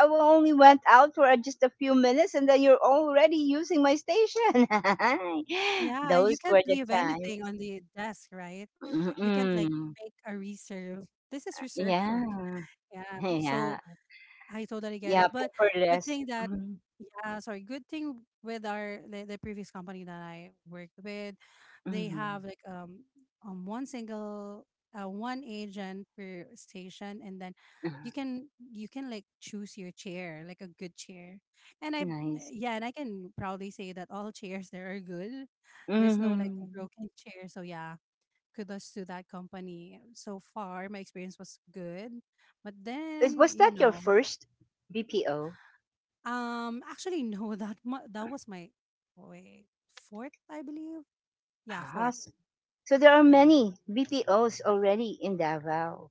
[SPEAKER 1] I only went out for just a few minutes, and then you're already using my station.
[SPEAKER 2] Yeah, and you can't
[SPEAKER 1] Those
[SPEAKER 2] leave
[SPEAKER 1] were the
[SPEAKER 2] anything on
[SPEAKER 1] times.
[SPEAKER 2] the desk, right? You can't like
[SPEAKER 1] Mm-mm.
[SPEAKER 2] make a reserve, this is reserved
[SPEAKER 1] Yeah,
[SPEAKER 2] for. Yeah, so
[SPEAKER 1] yeah,
[SPEAKER 2] I totally
[SPEAKER 1] yeah.
[SPEAKER 2] get it. But good
[SPEAKER 1] Paperless.
[SPEAKER 2] thing that,
[SPEAKER 1] Mm-hmm.
[SPEAKER 2] yeah, sorry, good thing with our the previous company that I worked with, they
[SPEAKER 1] Mm-hmm.
[SPEAKER 2] have like um one single one agent per station, and then you can like choose your chair, like a good chair. And I
[SPEAKER 1] Nice.
[SPEAKER 2] Yeah, and I can proudly say that all chairs there are good. There's no like
[SPEAKER 1] Mm-hmm.
[SPEAKER 2] broken chair. So yeah, kudos to that company. So far, my experience was good. But
[SPEAKER 1] Is,
[SPEAKER 2] then,
[SPEAKER 1] was
[SPEAKER 2] you
[SPEAKER 1] that your
[SPEAKER 2] know,
[SPEAKER 1] first BPO?
[SPEAKER 2] actually, no. That that was my wait fourth, I believe. Yeah,
[SPEAKER 1] Ah,
[SPEAKER 2] fourth.
[SPEAKER 1] s- so there are
[SPEAKER 2] Yeah.
[SPEAKER 1] many BPOs already in Davao.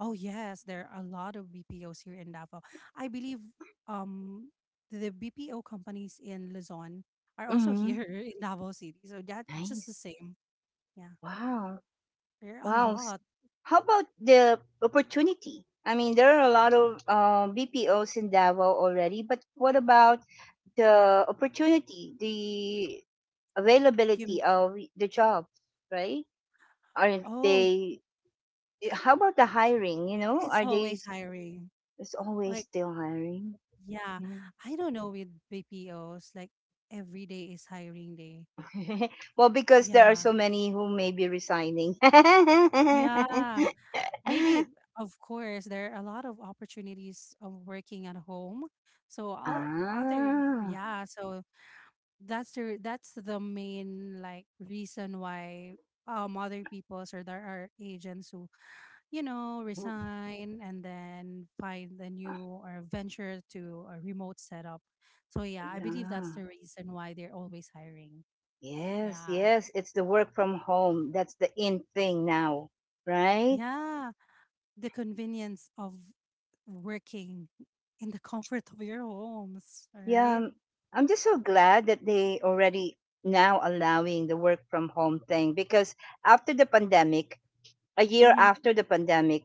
[SPEAKER 2] Oh yes, there are a lot of BPOs here in Davao. I believe um the BPO companies in Luzon are also
[SPEAKER 1] Mm-hmm.
[SPEAKER 2] here in Davao City. So that just the
[SPEAKER 1] Nice.
[SPEAKER 2] same. Yeah,
[SPEAKER 1] Wow.
[SPEAKER 2] there are a
[SPEAKER 1] Wow.
[SPEAKER 2] lot.
[SPEAKER 1] How about the opportunity? I mean, there are a lot of BPOs in Davao already, but what about the opportunity, the
[SPEAKER 2] You,
[SPEAKER 1] availability of the jobs, right? Are
[SPEAKER 2] oh,
[SPEAKER 1] they, how about the hiring?
[SPEAKER 2] it's
[SPEAKER 1] Are they,
[SPEAKER 2] always hiring.
[SPEAKER 1] it's always
[SPEAKER 2] Like
[SPEAKER 1] still hiring.
[SPEAKER 2] yeah,
[SPEAKER 1] Yeah.
[SPEAKER 2] I don't know with BPOs. Like every day is hiring day.
[SPEAKER 1] Well, because there are
[SPEAKER 2] Yeah.
[SPEAKER 1] so many who may be resigning.
[SPEAKER 2] Yeah. Maybe, of course, there are a lot of opportunities of working at home. So all other,
[SPEAKER 1] Ah,
[SPEAKER 2] yeah. So that's the main like reason why other people's or there are agents who, you know, resign and then find a new or venture to a remote setup. So yeah, I believe that's
[SPEAKER 1] yeah.
[SPEAKER 2] the reason why they're always hiring.
[SPEAKER 1] Yes,
[SPEAKER 2] Yeah,
[SPEAKER 1] yes, it's the work from home. That's the in thing now, right?
[SPEAKER 2] yeah, the convenience of working in the comfort of your homes,
[SPEAKER 1] Yeah,
[SPEAKER 2] right?
[SPEAKER 1] I'm just so glad that they already now allowing the work from home thing because after the pandemic, a year
[SPEAKER 2] Mm-hmm.
[SPEAKER 1] after the pandemic,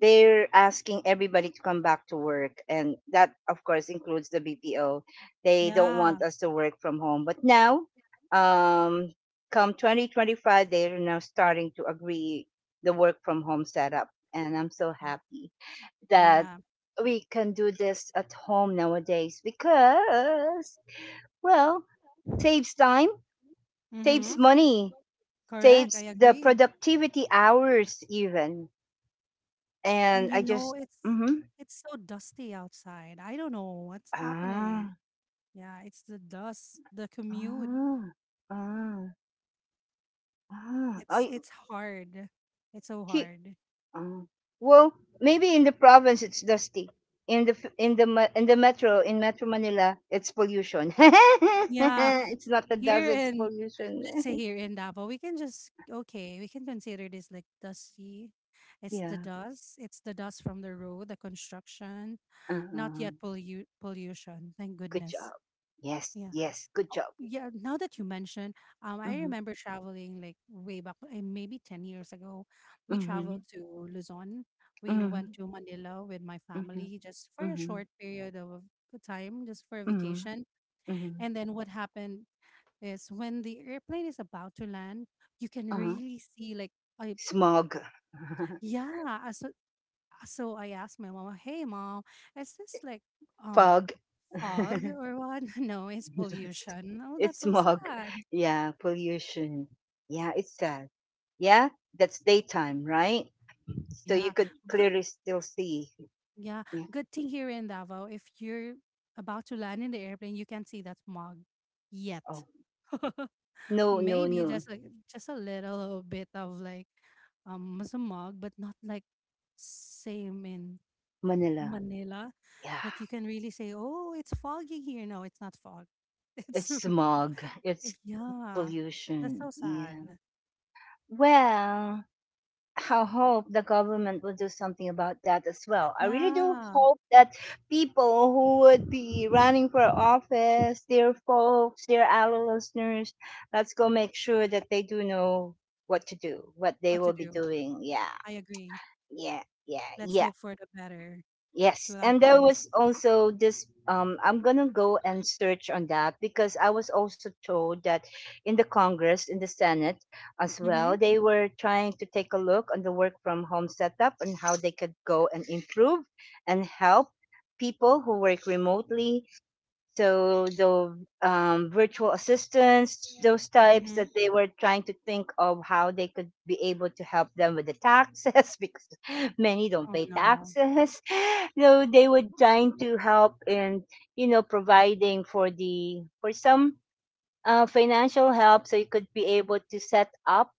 [SPEAKER 1] they're asking everybody to come back to work. And that, of course, includes the BPO. They don't
[SPEAKER 2] Yeah.
[SPEAKER 1] want us to work from home. But now, um, come 2025, they're now starting to agree the work from home setup. And I'm so happy that
[SPEAKER 2] Yeah.
[SPEAKER 1] we can do this at home nowadays because, well, saves time, saves
[SPEAKER 2] Mm-hmm.
[SPEAKER 1] money,
[SPEAKER 2] Correct. I
[SPEAKER 1] saves the
[SPEAKER 2] agree.
[SPEAKER 1] productivity hours, even
[SPEAKER 2] And
[SPEAKER 1] and
[SPEAKER 2] you
[SPEAKER 1] I
[SPEAKER 2] know,
[SPEAKER 1] just mhm.
[SPEAKER 2] it's so dusty outside. I don't know what's happening.
[SPEAKER 1] Ah,
[SPEAKER 2] Yeah, it's the dust, the commute.
[SPEAKER 1] ah, ah, ah. I
[SPEAKER 2] It's hard. It's so
[SPEAKER 1] he.
[SPEAKER 2] hard.
[SPEAKER 1] Ah. Well, maybe in the province it's dusty. In the f- in the me- in the metro in Metro Manila, it's pollution.
[SPEAKER 2] Yeah.
[SPEAKER 1] It's not the dust;
[SPEAKER 2] Here
[SPEAKER 1] it's
[SPEAKER 2] in, let's say
[SPEAKER 1] pollution.
[SPEAKER 2] here in Davao, we can just okay, we can consider this like dusty. It's the
[SPEAKER 1] Yeah.
[SPEAKER 2] dust. It's the dust from the road, the construction, not
[SPEAKER 1] Uh-uh.
[SPEAKER 2] yet pollution. Thank
[SPEAKER 1] Good
[SPEAKER 2] goodness.
[SPEAKER 1] job. Yes.
[SPEAKER 2] Yeah.
[SPEAKER 1] Yes. Good
[SPEAKER 2] Oh,
[SPEAKER 1] job.
[SPEAKER 2] yeah. Now that you mention, I
[SPEAKER 1] Mm-hmm.
[SPEAKER 2] remember traveling like way back, maybe 10 years ago. We
[SPEAKER 1] Mm-hmm.
[SPEAKER 2] traveled to Luzon. We
[SPEAKER 1] Mm-hmm.
[SPEAKER 2] went to Manila with my
[SPEAKER 1] Mm-hmm.
[SPEAKER 2] family just for a
[SPEAKER 1] Mm-hmm.
[SPEAKER 2] short period of time, just for a
[SPEAKER 1] Mm-hmm.
[SPEAKER 2] vacation.
[SPEAKER 1] Mm-hmm.
[SPEAKER 2] And then what happened is when the airplane is about to land, you can
[SPEAKER 1] Uh-huh.
[SPEAKER 2] really see like I
[SPEAKER 1] Smog.
[SPEAKER 2] yeah. So I asked my mom, "Hey mom, is this like um
[SPEAKER 1] Fog.
[SPEAKER 2] fog or what?" No, it's pollution. Oh, that's
[SPEAKER 1] It's
[SPEAKER 2] so
[SPEAKER 1] smog.
[SPEAKER 2] sad.
[SPEAKER 1] Yeah, pollution. Yeah, it's sad. Yeah, that's daytime, right? So you
[SPEAKER 2] Yeah,
[SPEAKER 1] could
[SPEAKER 2] good.
[SPEAKER 1] clearly still see.
[SPEAKER 2] Yeah,
[SPEAKER 1] Yeah.
[SPEAKER 2] good thing here in Davao, if you're about to land in the airplane, you can't see that smog yet.
[SPEAKER 1] Oh, no, no,
[SPEAKER 2] Maybe
[SPEAKER 1] no.
[SPEAKER 2] just a little bit of like smog, but not like same in
[SPEAKER 1] Manila.
[SPEAKER 2] Manila,
[SPEAKER 1] Yeah,
[SPEAKER 2] that you can really say, "Oh, it's foggy here." No, it's not fog.
[SPEAKER 1] it's smog. It's
[SPEAKER 2] It's yeah. That's so
[SPEAKER 1] pollution.
[SPEAKER 2] sad.
[SPEAKER 1] Yeah. Well, I hope the government will do something about that as well. I really do
[SPEAKER 2] Yeah.
[SPEAKER 1] hope that people who would be running for office, dear folks, dear ally listeners, let's go make sure that they do know what to do, what they
[SPEAKER 2] What to
[SPEAKER 1] will be
[SPEAKER 2] do?
[SPEAKER 1] doing. Yeah,
[SPEAKER 2] I agree.
[SPEAKER 1] yeah, yeah,
[SPEAKER 2] Let's
[SPEAKER 1] yeah.
[SPEAKER 2] hope for the better.
[SPEAKER 1] Yes, and there
[SPEAKER 2] 2026.
[SPEAKER 1] was also this. I'm gonna go and search on that because I was also told that in the Congress, in the Senate as
[SPEAKER 2] Mm-hmm.
[SPEAKER 1] well, they were trying to take a look on the work from home setup and how they could go and improve and help people who work remotely. So the virtual assistants, those types
[SPEAKER 2] Mm-hmm.
[SPEAKER 1] that they were trying to think of how they could be able to help them with the taxes because many don't
[SPEAKER 2] Oh
[SPEAKER 1] pay
[SPEAKER 2] no.
[SPEAKER 1] taxes so they would trying to help in providing for the for some financial help so you could be able to set up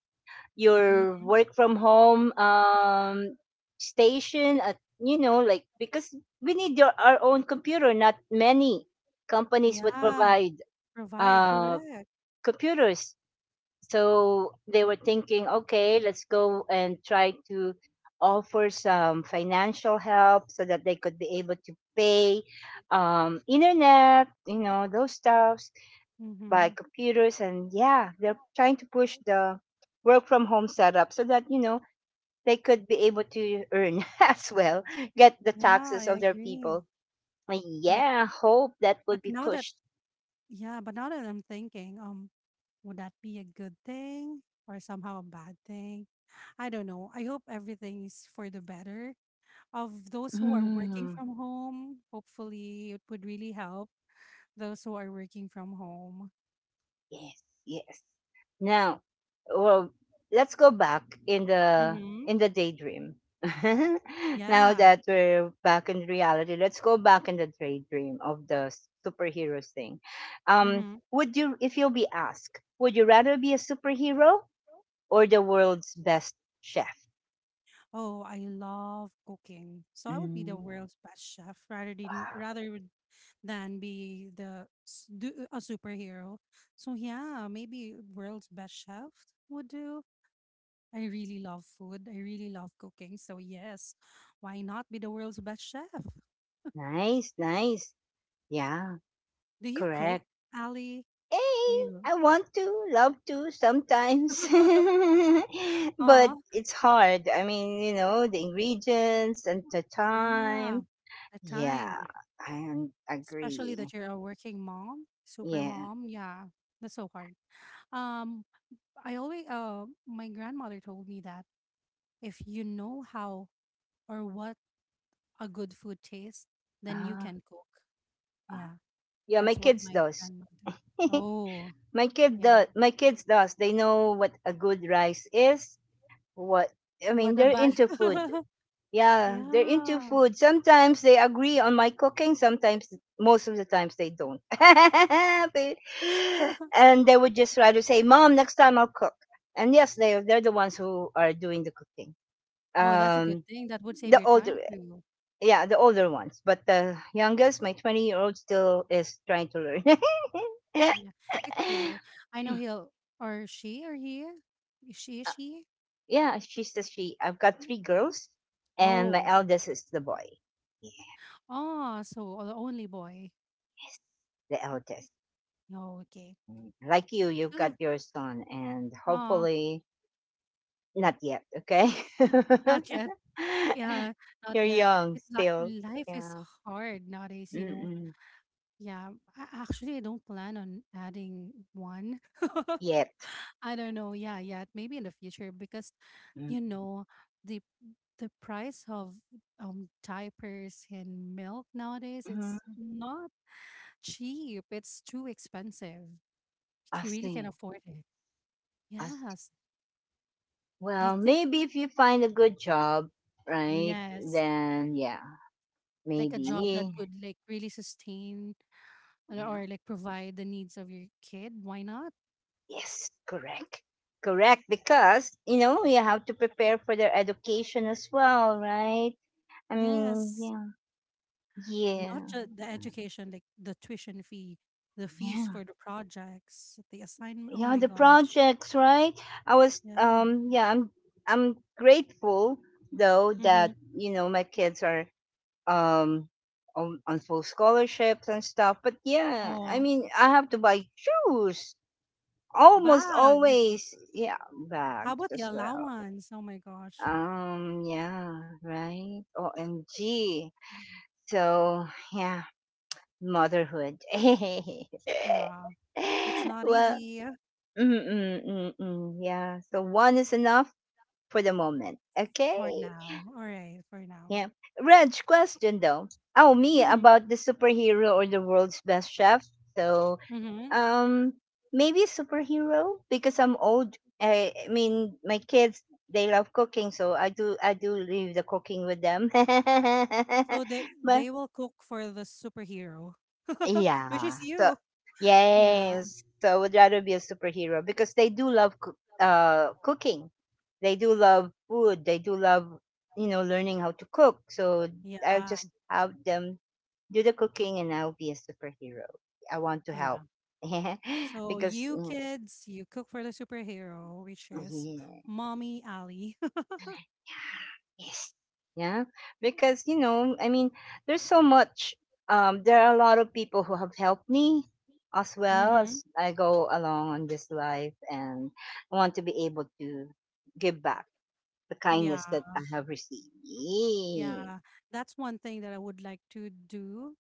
[SPEAKER 1] your
[SPEAKER 2] Mm.
[SPEAKER 1] work from home station at because we need our own computer not many companies would
[SPEAKER 2] Yeah.
[SPEAKER 1] provide
[SPEAKER 2] Provide.
[SPEAKER 1] uh,
[SPEAKER 2] Correct.
[SPEAKER 1] computers so they were thinking, okay, let's go and try to offer some financial help so that they could be able to pay internet, you know, those stuffs, buy
[SPEAKER 2] Mm-hmm.
[SPEAKER 1] computers, and yeah, they're trying to push the work from home setup so that you know they could be able to earn as well, get the
[SPEAKER 2] Yeah, I
[SPEAKER 1] taxes of their
[SPEAKER 2] agree.
[SPEAKER 1] people.
[SPEAKER 2] But
[SPEAKER 1] Yeah, hope that
[SPEAKER 2] but
[SPEAKER 1] would be
[SPEAKER 2] now that
[SPEAKER 1] pushed.
[SPEAKER 2] yeah, but now that I'm thinking, would that be a good thing or somehow a bad thing? I don't know. I hope everything is for the better. Of those who are working
[SPEAKER 1] Mm.
[SPEAKER 2] from home, hopefully it would really help those who are working from home.
[SPEAKER 1] Yes, yes. Now, well, let's go back
[SPEAKER 2] Mm-hmm.
[SPEAKER 1] in the daydream. Now
[SPEAKER 2] Yeah.
[SPEAKER 1] that we're back in reality, let's go back in the daydream of the superheroes thing. Um,
[SPEAKER 2] Mm-hmm.
[SPEAKER 1] would you, if you'll be asked, would you rather be a superhero or the world's best chef?
[SPEAKER 2] Oh, I love cooking. So I would be the
[SPEAKER 1] Mm,
[SPEAKER 2] world's best chef rather than be the a superhero. So yeah, maybe world's best chef would do. I really love food. I really love cooking. So, yes, why not be the world's best chef?
[SPEAKER 1] nice, nice. Yeah,
[SPEAKER 2] Do you cook,
[SPEAKER 1] correct.
[SPEAKER 2] Ali?
[SPEAKER 1] Hey,
[SPEAKER 2] You.
[SPEAKER 1] I want to, love to sometimes, but
[SPEAKER 2] Oh,
[SPEAKER 1] it's hard. I mean, you know, the ingredients and the
[SPEAKER 2] yeah.
[SPEAKER 1] time.
[SPEAKER 2] The
[SPEAKER 1] Yeah,
[SPEAKER 2] time,
[SPEAKER 1] I un-
[SPEAKER 2] especially
[SPEAKER 1] agree.
[SPEAKER 2] that you're a working mom, super
[SPEAKER 1] Yeah,
[SPEAKER 2] mom. Yeah, that's so hard. Um, I always, my grandmother told me that if you know how or what a good food tastes, then you
[SPEAKER 1] uh,
[SPEAKER 2] can cook. Yeah,
[SPEAKER 1] yeah. My
[SPEAKER 2] that's what
[SPEAKER 1] kids
[SPEAKER 2] my
[SPEAKER 1] does.
[SPEAKER 2] grandmother. Oh,
[SPEAKER 1] My kid
[SPEAKER 2] yeah.
[SPEAKER 1] does. My kids does. They know what a good rice is. What I
[SPEAKER 2] What
[SPEAKER 1] mean, they're
[SPEAKER 2] about?
[SPEAKER 1] into food. Yeah, they're into
[SPEAKER 2] Yeah.
[SPEAKER 1] food. Sometimes they agree on my cooking, sometimes most of the times they don't. They- and they would just try to say, "Mom, next time I'll cook." And yes, they're the ones who are doing the cooking.
[SPEAKER 2] Oh, that's a good
[SPEAKER 1] Um
[SPEAKER 2] thing. That would save
[SPEAKER 1] the
[SPEAKER 2] your time
[SPEAKER 1] older
[SPEAKER 2] too.
[SPEAKER 1] yeah, the older ones, but the youngest, my 20-year-old still is trying to learn.
[SPEAKER 2] Yeah. It's okay. I know he'll or she or he. Is she?
[SPEAKER 1] Yeah, she's the she. I've got three girls and my
[SPEAKER 2] Oh.
[SPEAKER 1] eldest is the boy.
[SPEAKER 2] Oh, so the only boy.
[SPEAKER 1] Yes, the eldest.
[SPEAKER 2] No, okay.
[SPEAKER 1] Mm, like you, you've
[SPEAKER 2] She'll have
[SPEAKER 1] got your son, and
[SPEAKER 2] oh,
[SPEAKER 1] hopefully not yet. Okay,
[SPEAKER 2] not yet. Yeah, not
[SPEAKER 1] you're
[SPEAKER 2] yet.
[SPEAKER 1] young
[SPEAKER 2] It's like
[SPEAKER 1] still.
[SPEAKER 2] life is
[SPEAKER 1] Yeah.
[SPEAKER 2] hard nowadays, you know.
[SPEAKER 1] Mm-mm.
[SPEAKER 2] Yeah, I actually I don't plan on adding one.
[SPEAKER 1] Yet.
[SPEAKER 2] I don't know. Yeah, yeah, maybe in the future because
[SPEAKER 1] Mm-mm.
[SPEAKER 2] you know the the price of diapers and milk nowadays, it's
[SPEAKER 1] Mhm.
[SPEAKER 2] not cheap. It's too expensive.
[SPEAKER 1] I
[SPEAKER 2] You really can
[SPEAKER 1] see.
[SPEAKER 2] afford it.
[SPEAKER 1] I see.
[SPEAKER 2] Yes, I
[SPEAKER 1] Well,
[SPEAKER 2] think
[SPEAKER 1] maybe if you find a good job, right?
[SPEAKER 2] yes,
[SPEAKER 1] Then yeah,
[SPEAKER 2] like a job that
[SPEAKER 1] maybe.
[SPEAKER 2] would like really sustain or,
[SPEAKER 1] Yeah.
[SPEAKER 2] or like provide the needs of your kid. Why not?
[SPEAKER 1] Yes. Correct. Correct. Because you know you have to prepare for their education as well, right? I mean,
[SPEAKER 2] Yes,
[SPEAKER 1] yeah. Yeah.
[SPEAKER 2] not just the education, like the tuition fee, the fees
[SPEAKER 1] Yeah.
[SPEAKER 2] for the projects, the assignment. Oh
[SPEAKER 1] Yeah
[SPEAKER 2] my
[SPEAKER 1] the
[SPEAKER 2] gosh.
[SPEAKER 1] projects right I was
[SPEAKER 2] Yeah.
[SPEAKER 1] yeah I'm grateful though
[SPEAKER 2] Mm-hmm.
[SPEAKER 1] that you know my kids are um on full scholarships and stuff but yeah I
[SPEAKER 2] Oh,
[SPEAKER 1] mean I have to buy shoes almost
[SPEAKER 2] bags.
[SPEAKER 1] always yeah
[SPEAKER 2] How
[SPEAKER 1] bags
[SPEAKER 2] about the
[SPEAKER 1] as well
[SPEAKER 2] allowance? Oh my gosh.
[SPEAKER 1] yeah right omg
[SPEAKER 2] Mhm.
[SPEAKER 1] so yeah motherhood
[SPEAKER 2] Yeah. It's not
[SPEAKER 1] well
[SPEAKER 2] easy
[SPEAKER 1] Mm-mm, mm-mm, yeah. So one is enough for the moment. Okay.
[SPEAKER 2] for now. All right. For now.
[SPEAKER 1] Yeah. Reg, question though. Oh, me
[SPEAKER 2] Mm-hmm.
[SPEAKER 1] about the superhero or the world's best chef. So,
[SPEAKER 2] Mm-hmm.
[SPEAKER 1] um, maybe superhero because I'm old. I mean, my kids they love cooking, so I do leave the cooking with them.
[SPEAKER 2] So
[SPEAKER 1] But
[SPEAKER 2] they will cook for the superhero, which
[SPEAKER 1] Yeah.
[SPEAKER 2] is
[SPEAKER 1] So
[SPEAKER 2] you. Yeah.
[SPEAKER 1] yes. So I would rather be a superhero because they do love cooking. They do love food. They do love you know learning how to cook. So I'll
[SPEAKER 2] Yeah.
[SPEAKER 1] just have them do the cooking and I'll be a superhero. I want to help
[SPEAKER 2] Yeah. So
[SPEAKER 1] because
[SPEAKER 2] you
[SPEAKER 1] you
[SPEAKER 2] kids, you cook for the superhero, which
[SPEAKER 1] know,
[SPEAKER 2] is
[SPEAKER 1] yeah.
[SPEAKER 2] Mommy Alley.
[SPEAKER 1] Yes. Yeah. Because, you know, I mean, there's so much. There are a lot of people who have helped me as well
[SPEAKER 2] Mm-hmm.
[SPEAKER 1] as I go along on this life. And I want to be able to give back the
[SPEAKER 2] Yeah,
[SPEAKER 1] kindness that I have received. Yeah.
[SPEAKER 2] yeah. That's one thing that I would like to do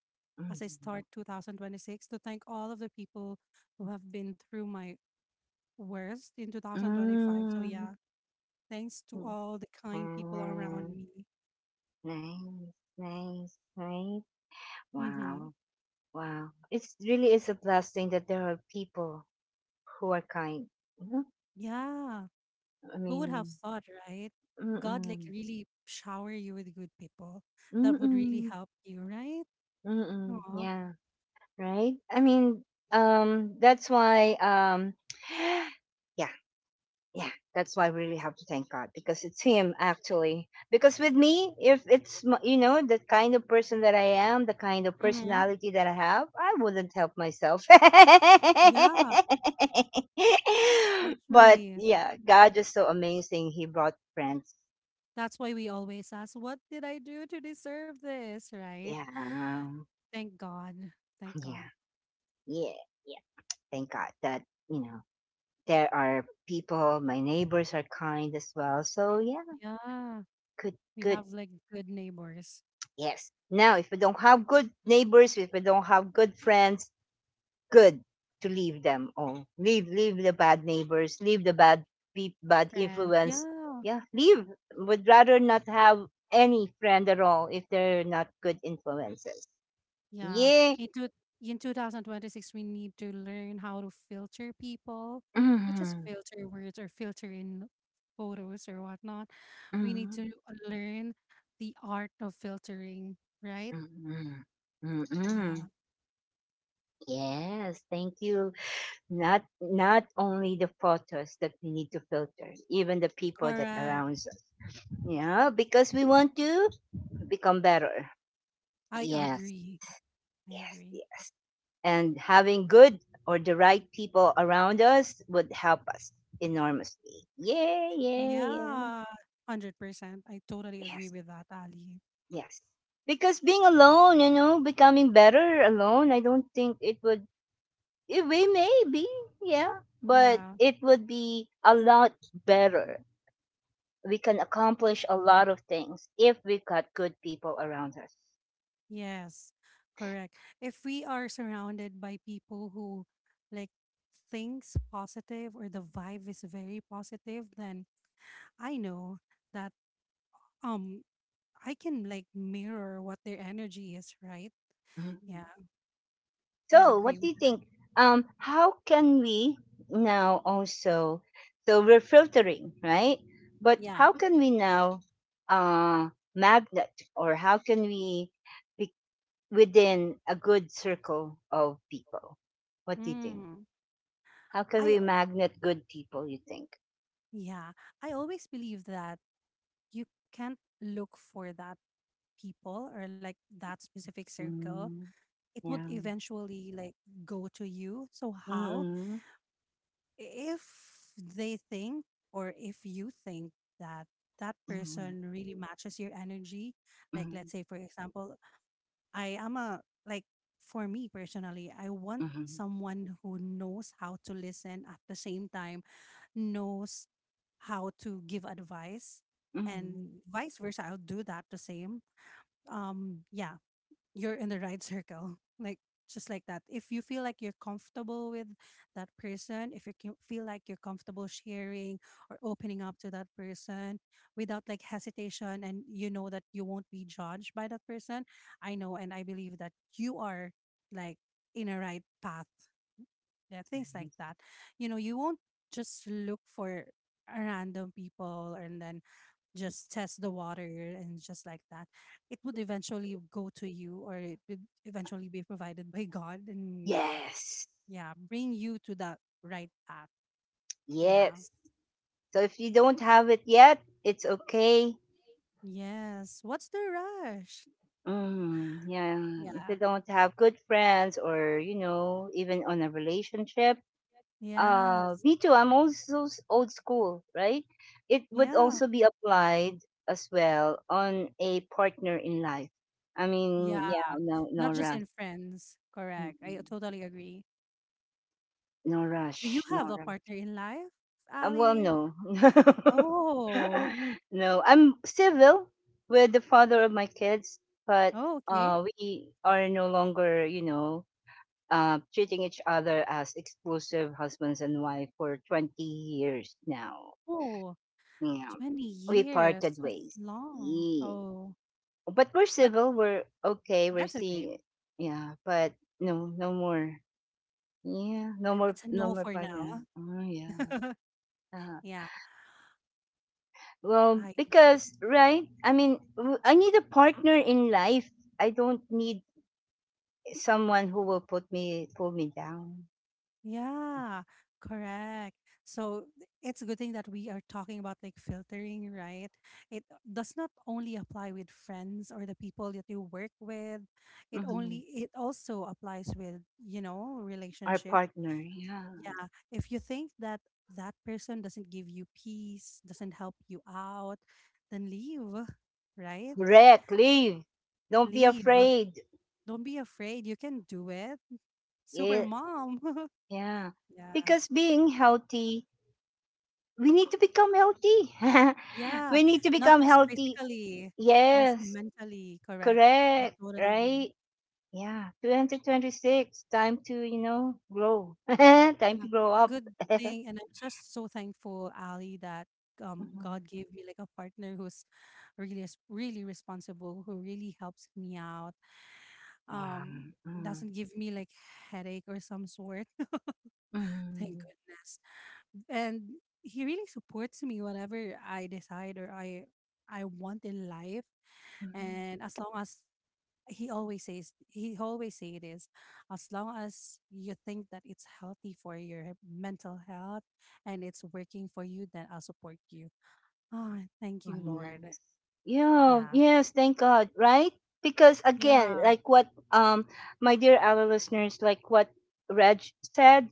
[SPEAKER 2] as I start 2026, to thank all of the people who have been through my worst in 2025. So, yeah,
[SPEAKER 1] Mm.
[SPEAKER 2] thanks to
[SPEAKER 1] Mm.
[SPEAKER 2] all the kind people around
[SPEAKER 1] Ah,
[SPEAKER 2] me.
[SPEAKER 1] nice, nice, right?
[SPEAKER 2] Mm-hmm.
[SPEAKER 1] Wow, wow. It's really is a blessing that there are people who are kind.
[SPEAKER 2] Yeah,
[SPEAKER 1] I
[SPEAKER 2] who would have
[SPEAKER 1] mean,
[SPEAKER 2] thought, right? God, like,
[SPEAKER 1] mm-mm,
[SPEAKER 2] really shower you with good people that would really
[SPEAKER 1] mm-mm,
[SPEAKER 2] help you, right?
[SPEAKER 1] mm-mm,
[SPEAKER 2] Aw.
[SPEAKER 1] yeah, right? I mean, that's why, yeah, yeah, that's why I really have to thank God because it's Him actually. Because with me, if it's, you know, the kind of person that I am, the kind of
[SPEAKER 2] Mhm.
[SPEAKER 1] personality that I have, I wouldn't help myself.
[SPEAKER 2] Yeah,
[SPEAKER 1] But
[SPEAKER 2] actually,
[SPEAKER 1] yeah, God is so amazing. He brought friends.
[SPEAKER 2] that's why we always ask, "What did I do to deserve this?" Right?
[SPEAKER 1] Yeah, yeah,
[SPEAKER 2] Thank God. Thank God.
[SPEAKER 1] yeah yeah. Thank God that, you know, there are people, my neighbors are kind as well. So yeah,
[SPEAKER 2] Yeah.
[SPEAKER 1] good,
[SPEAKER 2] We
[SPEAKER 1] good.
[SPEAKER 2] have, like, good neighbors,
[SPEAKER 1] Yes. Now, if we don't have good neighbors, if we don't have good friends, good to leave them all. Leave the bad neighbors, leave the bad, peop bad
[SPEAKER 2] friends.
[SPEAKER 1] influence.
[SPEAKER 2] Yeah.
[SPEAKER 1] Yeah, leave. Would rather not have any friend at all if they're not good influences.
[SPEAKER 2] Yeah.
[SPEAKER 1] Yeah.
[SPEAKER 2] In two in 2026, we need to learn how to filter people, not just
[SPEAKER 1] Mm-hmm.
[SPEAKER 2] filter words or filter in photos or whatnot. We need
[SPEAKER 1] Mm-hmm.
[SPEAKER 2] to learn the art of filtering, right?
[SPEAKER 1] Mm-hmm.
[SPEAKER 2] Yeah.
[SPEAKER 1] Mm-mm. Yes, thank you. Not not only the photos that we need to filter even the people that
[SPEAKER 2] Correct.
[SPEAKER 1] surrounds us yeah because we want to become better
[SPEAKER 2] I
[SPEAKER 1] yes
[SPEAKER 2] agree. I
[SPEAKER 1] yes
[SPEAKER 2] agree.
[SPEAKER 1] yes and having good or the right people around us would help us enormously yeah yeah yeah
[SPEAKER 2] Yeah, 100%. I totally agree
[SPEAKER 1] yes
[SPEAKER 2] with that, Ali.
[SPEAKER 1] yes because being alone you know becoming better alone I don't think it would it may maybe yeah but
[SPEAKER 2] Yeah,
[SPEAKER 1] it would be a lot better we can accomplish a lot of things if we've got good people around us.
[SPEAKER 2] yes, correct. If we are surrounded by people who like thinks positive or the vibe is very positive, then I know that um I can like mirror what their energy is, right?
[SPEAKER 1] Mhm.
[SPEAKER 2] Yeah, I
[SPEAKER 1] So,
[SPEAKER 2] agree
[SPEAKER 1] what do
[SPEAKER 2] with
[SPEAKER 1] you
[SPEAKER 2] that.
[SPEAKER 1] think? How can we now also? So we're filtering, right? But
[SPEAKER 2] Yeah.
[SPEAKER 1] how can we now uh, magnet, or how can we be within a good circle of people? What do you think?
[SPEAKER 2] Mm.
[SPEAKER 1] How can
[SPEAKER 2] I
[SPEAKER 1] we magnet good people, you think?
[SPEAKER 2] yeah, I always believe that you can't look for that people or like that specific circle,
[SPEAKER 1] Mm,
[SPEAKER 2] it would
[SPEAKER 1] yeah.
[SPEAKER 2] eventually like go to you. So how
[SPEAKER 1] Mm-mm.
[SPEAKER 2] if they think or if you think that that
[SPEAKER 1] Mm-mm.
[SPEAKER 2] person really matches your energy, like let's
[SPEAKER 1] Mm-mm.
[SPEAKER 2] say for example, I am a like for me personally, I want
[SPEAKER 1] Mm-mm.
[SPEAKER 2] someone who knows how to listen at the same time knows how to give advice
[SPEAKER 1] Mm-mm.
[SPEAKER 2] and vice versa, I'll do that the same. Yeah, you're in the right circle. Like just like that. If you feel like you're comfortable with that person, if you can feel like you're comfortable sharing or opening up to that person without like hesitation and you know that you won't be judged by that person, I know and I believe that you are like in a right path, yeah, things like that. You know, you won't just look for random people and then just test the water and just like that. It would eventually go to you or it would eventually be provided by God and
[SPEAKER 1] Yes.
[SPEAKER 2] yeah, bring you to that right path. Yeah.
[SPEAKER 1] Yes. So if you don't have it yet, it's okay.
[SPEAKER 2] Yes. What's the rush?
[SPEAKER 1] Mm, yeah. If you
[SPEAKER 2] Yeah.
[SPEAKER 1] don't have good friends or, you know, even on a relationship,
[SPEAKER 2] Yes.
[SPEAKER 1] me too. I'm also s- old school, right? It would
[SPEAKER 2] Yeah.
[SPEAKER 1] also be applied as well on a partner in life. I mean, yeah,
[SPEAKER 2] Yeah.
[SPEAKER 1] no,
[SPEAKER 2] Not just
[SPEAKER 1] Nora.
[SPEAKER 2] in friends. Correct. I
[SPEAKER 1] Mm-mm.
[SPEAKER 2] totally agree.
[SPEAKER 1] No
[SPEAKER 2] Do you
[SPEAKER 1] rush,
[SPEAKER 2] have
[SPEAKER 1] no
[SPEAKER 2] a
[SPEAKER 1] rush.
[SPEAKER 2] partner in life,
[SPEAKER 1] Well,
[SPEAKER 2] Ali?
[SPEAKER 1] no,
[SPEAKER 2] Oh,
[SPEAKER 1] no. I'm civil with the father of my kids, but
[SPEAKER 2] oh, okay.
[SPEAKER 1] we are no longer, you know, treating each other as exclusive husbands and wife for 20 years now.
[SPEAKER 2] Oh,
[SPEAKER 1] Yeah,
[SPEAKER 2] twenty
[SPEAKER 1] we parted
[SPEAKER 2] years. That's
[SPEAKER 1] ways.
[SPEAKER 2] long.
[SPEAKER 1] Yee.
[SPEAKER 2] Oh,
[SPEAKER 1] But we're
[SPEAKER 2] but
[SPEAKER 1] civil. We're okay. We're
[SPEAKER 2] that's okay.
[SPEAKER 1] seeing. Yeah, but no, no more. Yeah, no more,
[SPEAKER 2] It's a
[SPEAKER 1] no
[SPEAKER 2] no
[SPEAKER 1] more
[SPEAKER 2] for now.
[SPEAKER 1] partner. Oh yeah. Uh,
[SPEAKER 2] Yeah,
[SPEAKER 1] Well,
[SPEAKER 2] I agree.
[SPEAKER 1] because right, I mean, I need a partner in life. I don't need someone who will put me pull me down.
[SPEAKER 2] Yeah, correct. It's a good thing that we are talking about like filtering, right? It does not only apply with friends or the people that you work with.
[SPEAKER 1] Mhm.
[SPEAKER 2] It also applies with,
[SPEAKER 1] Our
[SPEAKER 2] relationships.
[SPEAKER 1] partner, yeah.
[SPEAKER 2] Yeah, if you think that that person doesn't give you peace, doesn't help you out, then leave, right?
[SPEAKER 1] Correct. Leave. Don't be
[SPEAKER 2] Leave.
[SPEAKER 1] afraid.
[SPEAKER 2] Don't be afraid. You can do it. Super
[SPEAKER 1] Yeah,
[SPEAKER 2] mom.
[SPEAKER 1] yeah.
[SPEAKER 2] Yeah.
[SPEAKER 1] Because being healthy, we need to become healthy.
[SPEAKER 2] Yeah.
[SPEAKER 1] We need to
[SPEAKER 2] Not
[SPEAKER 1] become
[SPEAKER 2] just
[SPEAKER 1] healthy.
[SPEAKER 2] physically, also
[SPEAKER 1] Yes,
[SPEAKER 2] mentally, correct. I
[SPEAKER 1] correct.
[SPEAKER 2] totally agree.
[SPEAKER 1] Right. Yeah. 2026. Time to you know grow. Time to
[SPEAKER 2] Yeah.
[SPEAKER 1] grow up.
[SPEAKER 2] Good thing. And I'm just so thankful, Ali, that
[SPEAKER 1] Mhm.
[SPEAKER 2] God gave me like a partner who's really is really responsible, who really helps me out,
[SPEAKER 1] Wow.
[SPEAKER 2] um
[SPEAKER 1] Mm,
[SPEAKER 2] doesn't give me like headache or some sort. Thank
[SPEAKER 1] mm,
[SPEAKER 2] goodness. And he really supports me whatever I decide or I want in life.
[SPEAKER 1] mhm.
[SPEAKER 2] And as long as he always say it is, as long as you think that it's healthy for your mental health and it's working for you, then I'll support you. Ah, thank you
[SPEAKER 1] Wow,
[SPEAKER 2] lord.
[SPEAKER 1] nice. Yeah,
[SPEAKER 2] Yeah.
[SPEAKER 1] yes, thank God, right? Because again,
[SPEAKER 2] Yeah.
[SPEAKER 1] like what my dear our listeners, like what Reg said,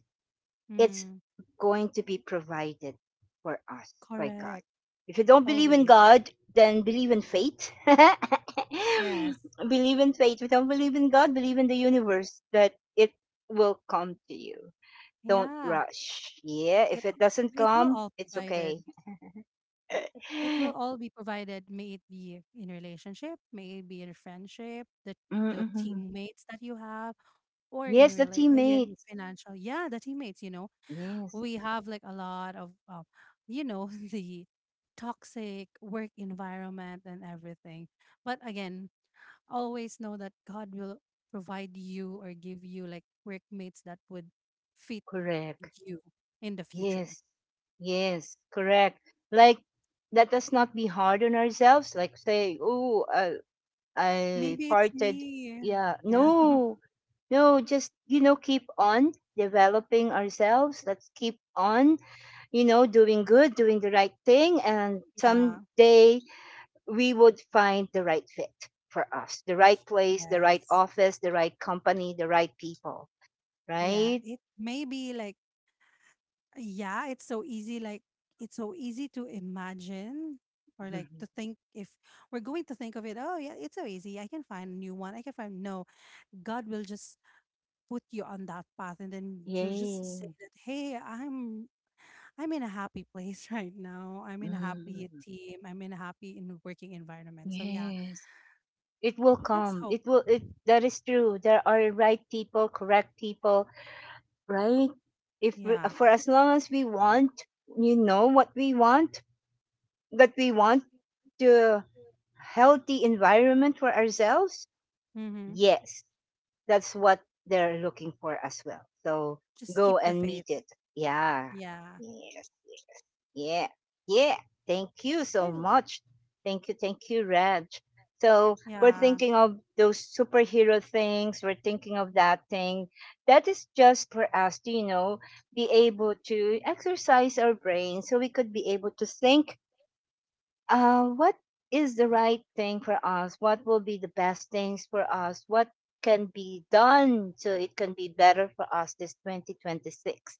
[SPEAKER 1] it's
[SPEAKER 2] Mm,
[SPEAKER 1] going to be provided for us by God.
[SPEAKER 2] correct.
[SPEAKER 1] If you don't believe in
[SPEAKER 2] Always.
[SPEAKER 1] God, then believe in fate. Believe
[SPEAKER 2] Yes.
[SPEAKER 1] in fate. If you don't believe in God, believe in the universe that it will come to you, don't
[SPEAKER 2] Yeah.
[SPEAKER 1] rush. Yeah,
[SPEAKER 2] It
[SPEAKER 1] if it doesn't
[SPEAKER 2] it will
[SPEAKER 1] come,
[SPEAKER 2] all
[SPEAKER 1] it's okay.
[SPEAKER 2] provided. It will all be provided, may it be in relationship, may it be in friendship, the
[SPEAKER 1] Mm-mm.
[SPEAKER 2] teammates that you have,
[SPEAKER 1] Yes, the
[SPEAKER 2] yeah, in
[SPEAKER 1] teammates.
[SPEAKER 2] financial. Yeah, the teammates. You know,
[SPEAKER 1] Yes,
[SPEAKER 2] we have like a lot of, you know, the toxic work environment and everything. But again, always know that God will provide you or give you like workmates that would fit
[SPEAKER 1] correct.
[SPEAKER 2] you in the future.
[SPEAKER 1] Yes, yes, correct. Like, let us not be hard on ourselves. Like, say, oh, I
[SPEAKER 2] Maybe it's
[SPEAKER 1] parted.
[SPEAKER 2] me.
[SPEAKER 1] Yeah,
[SPEAKER 2] Yeah.
[SPEAKER 1] no, no, just, you know, keep on developing ourselves. Let's keep on, doing good, doing the right thing. And
[SPEAKER 2] Yeah.
[SPEAKER 1] someday we would find the right fit for us, the right place, the right
[SPEAKER 2] Yes.
[SPEAKER 1] office, the right company, the right people,
[SPEAKER 2] Yeah.
[SPEAKER 1] right?
[SPEAKER 2] It may be like, yeah, it's so easy. Like, it's so easy to imagine or like
[SPEAKER 1] Mhm.
[SPEAKER 2] to think if we're going to think of it, oh, yeah, it's so easy. I can find a new one. I can find, no, God will just put you on that path. And then you'll just say
[SPEAKER 1] Yay.
[SPEAKER 2] that, hey, I'm in a happy place. Right now, I'm in a happy
[SPEAKER 1] Mm.
[SPEAKER 2] team. I'm in a happy in working environment. So yeah,
[SPEAKER 1] Yes. It will
[SPEAKER 2] let's
[SPEAKER 1] come.
[SPEAKER 2] hope.
[SPEAKER 1] It that is true. There are right people, correct people, right? If we-
[SPEAKER 2] Yeah.
[SPEAKER 1] For as long as we want, you know what we want, that we want the healthy environment for ourselves.
[SPEAKER 2] Mm-hmm.
[SPEAKER 1] Yes. That's what they're looking for as well. So
[SPEAKER 2] Just keep
[SPEAKER 1] go
[SPEAKER 2] the
[SPEAKER 1] and
[SPEAKER 2] faith.
[SPEAKER 1] meet it. Yeah.
[SPEAKER 2] Yeah.
[SPEAKER 1] Yes. Yeah. Yeah. Thank you
[SPEAKER 2] I
[SPEAKER 1] so
[SPEAKER 2] l-
[SPEAKER 1] much. Thank you. Thank you, Raj. So we're
[SPEAKER 2] yeah.
[SPEAKER 1] thinking of those superhero things. We're thinking of that thing. That is just for us to, you know, be able to exercise our brain so we could be able to think what is the right thing for us? What will be the best things for us? What can be done so it can be better for us this 2026,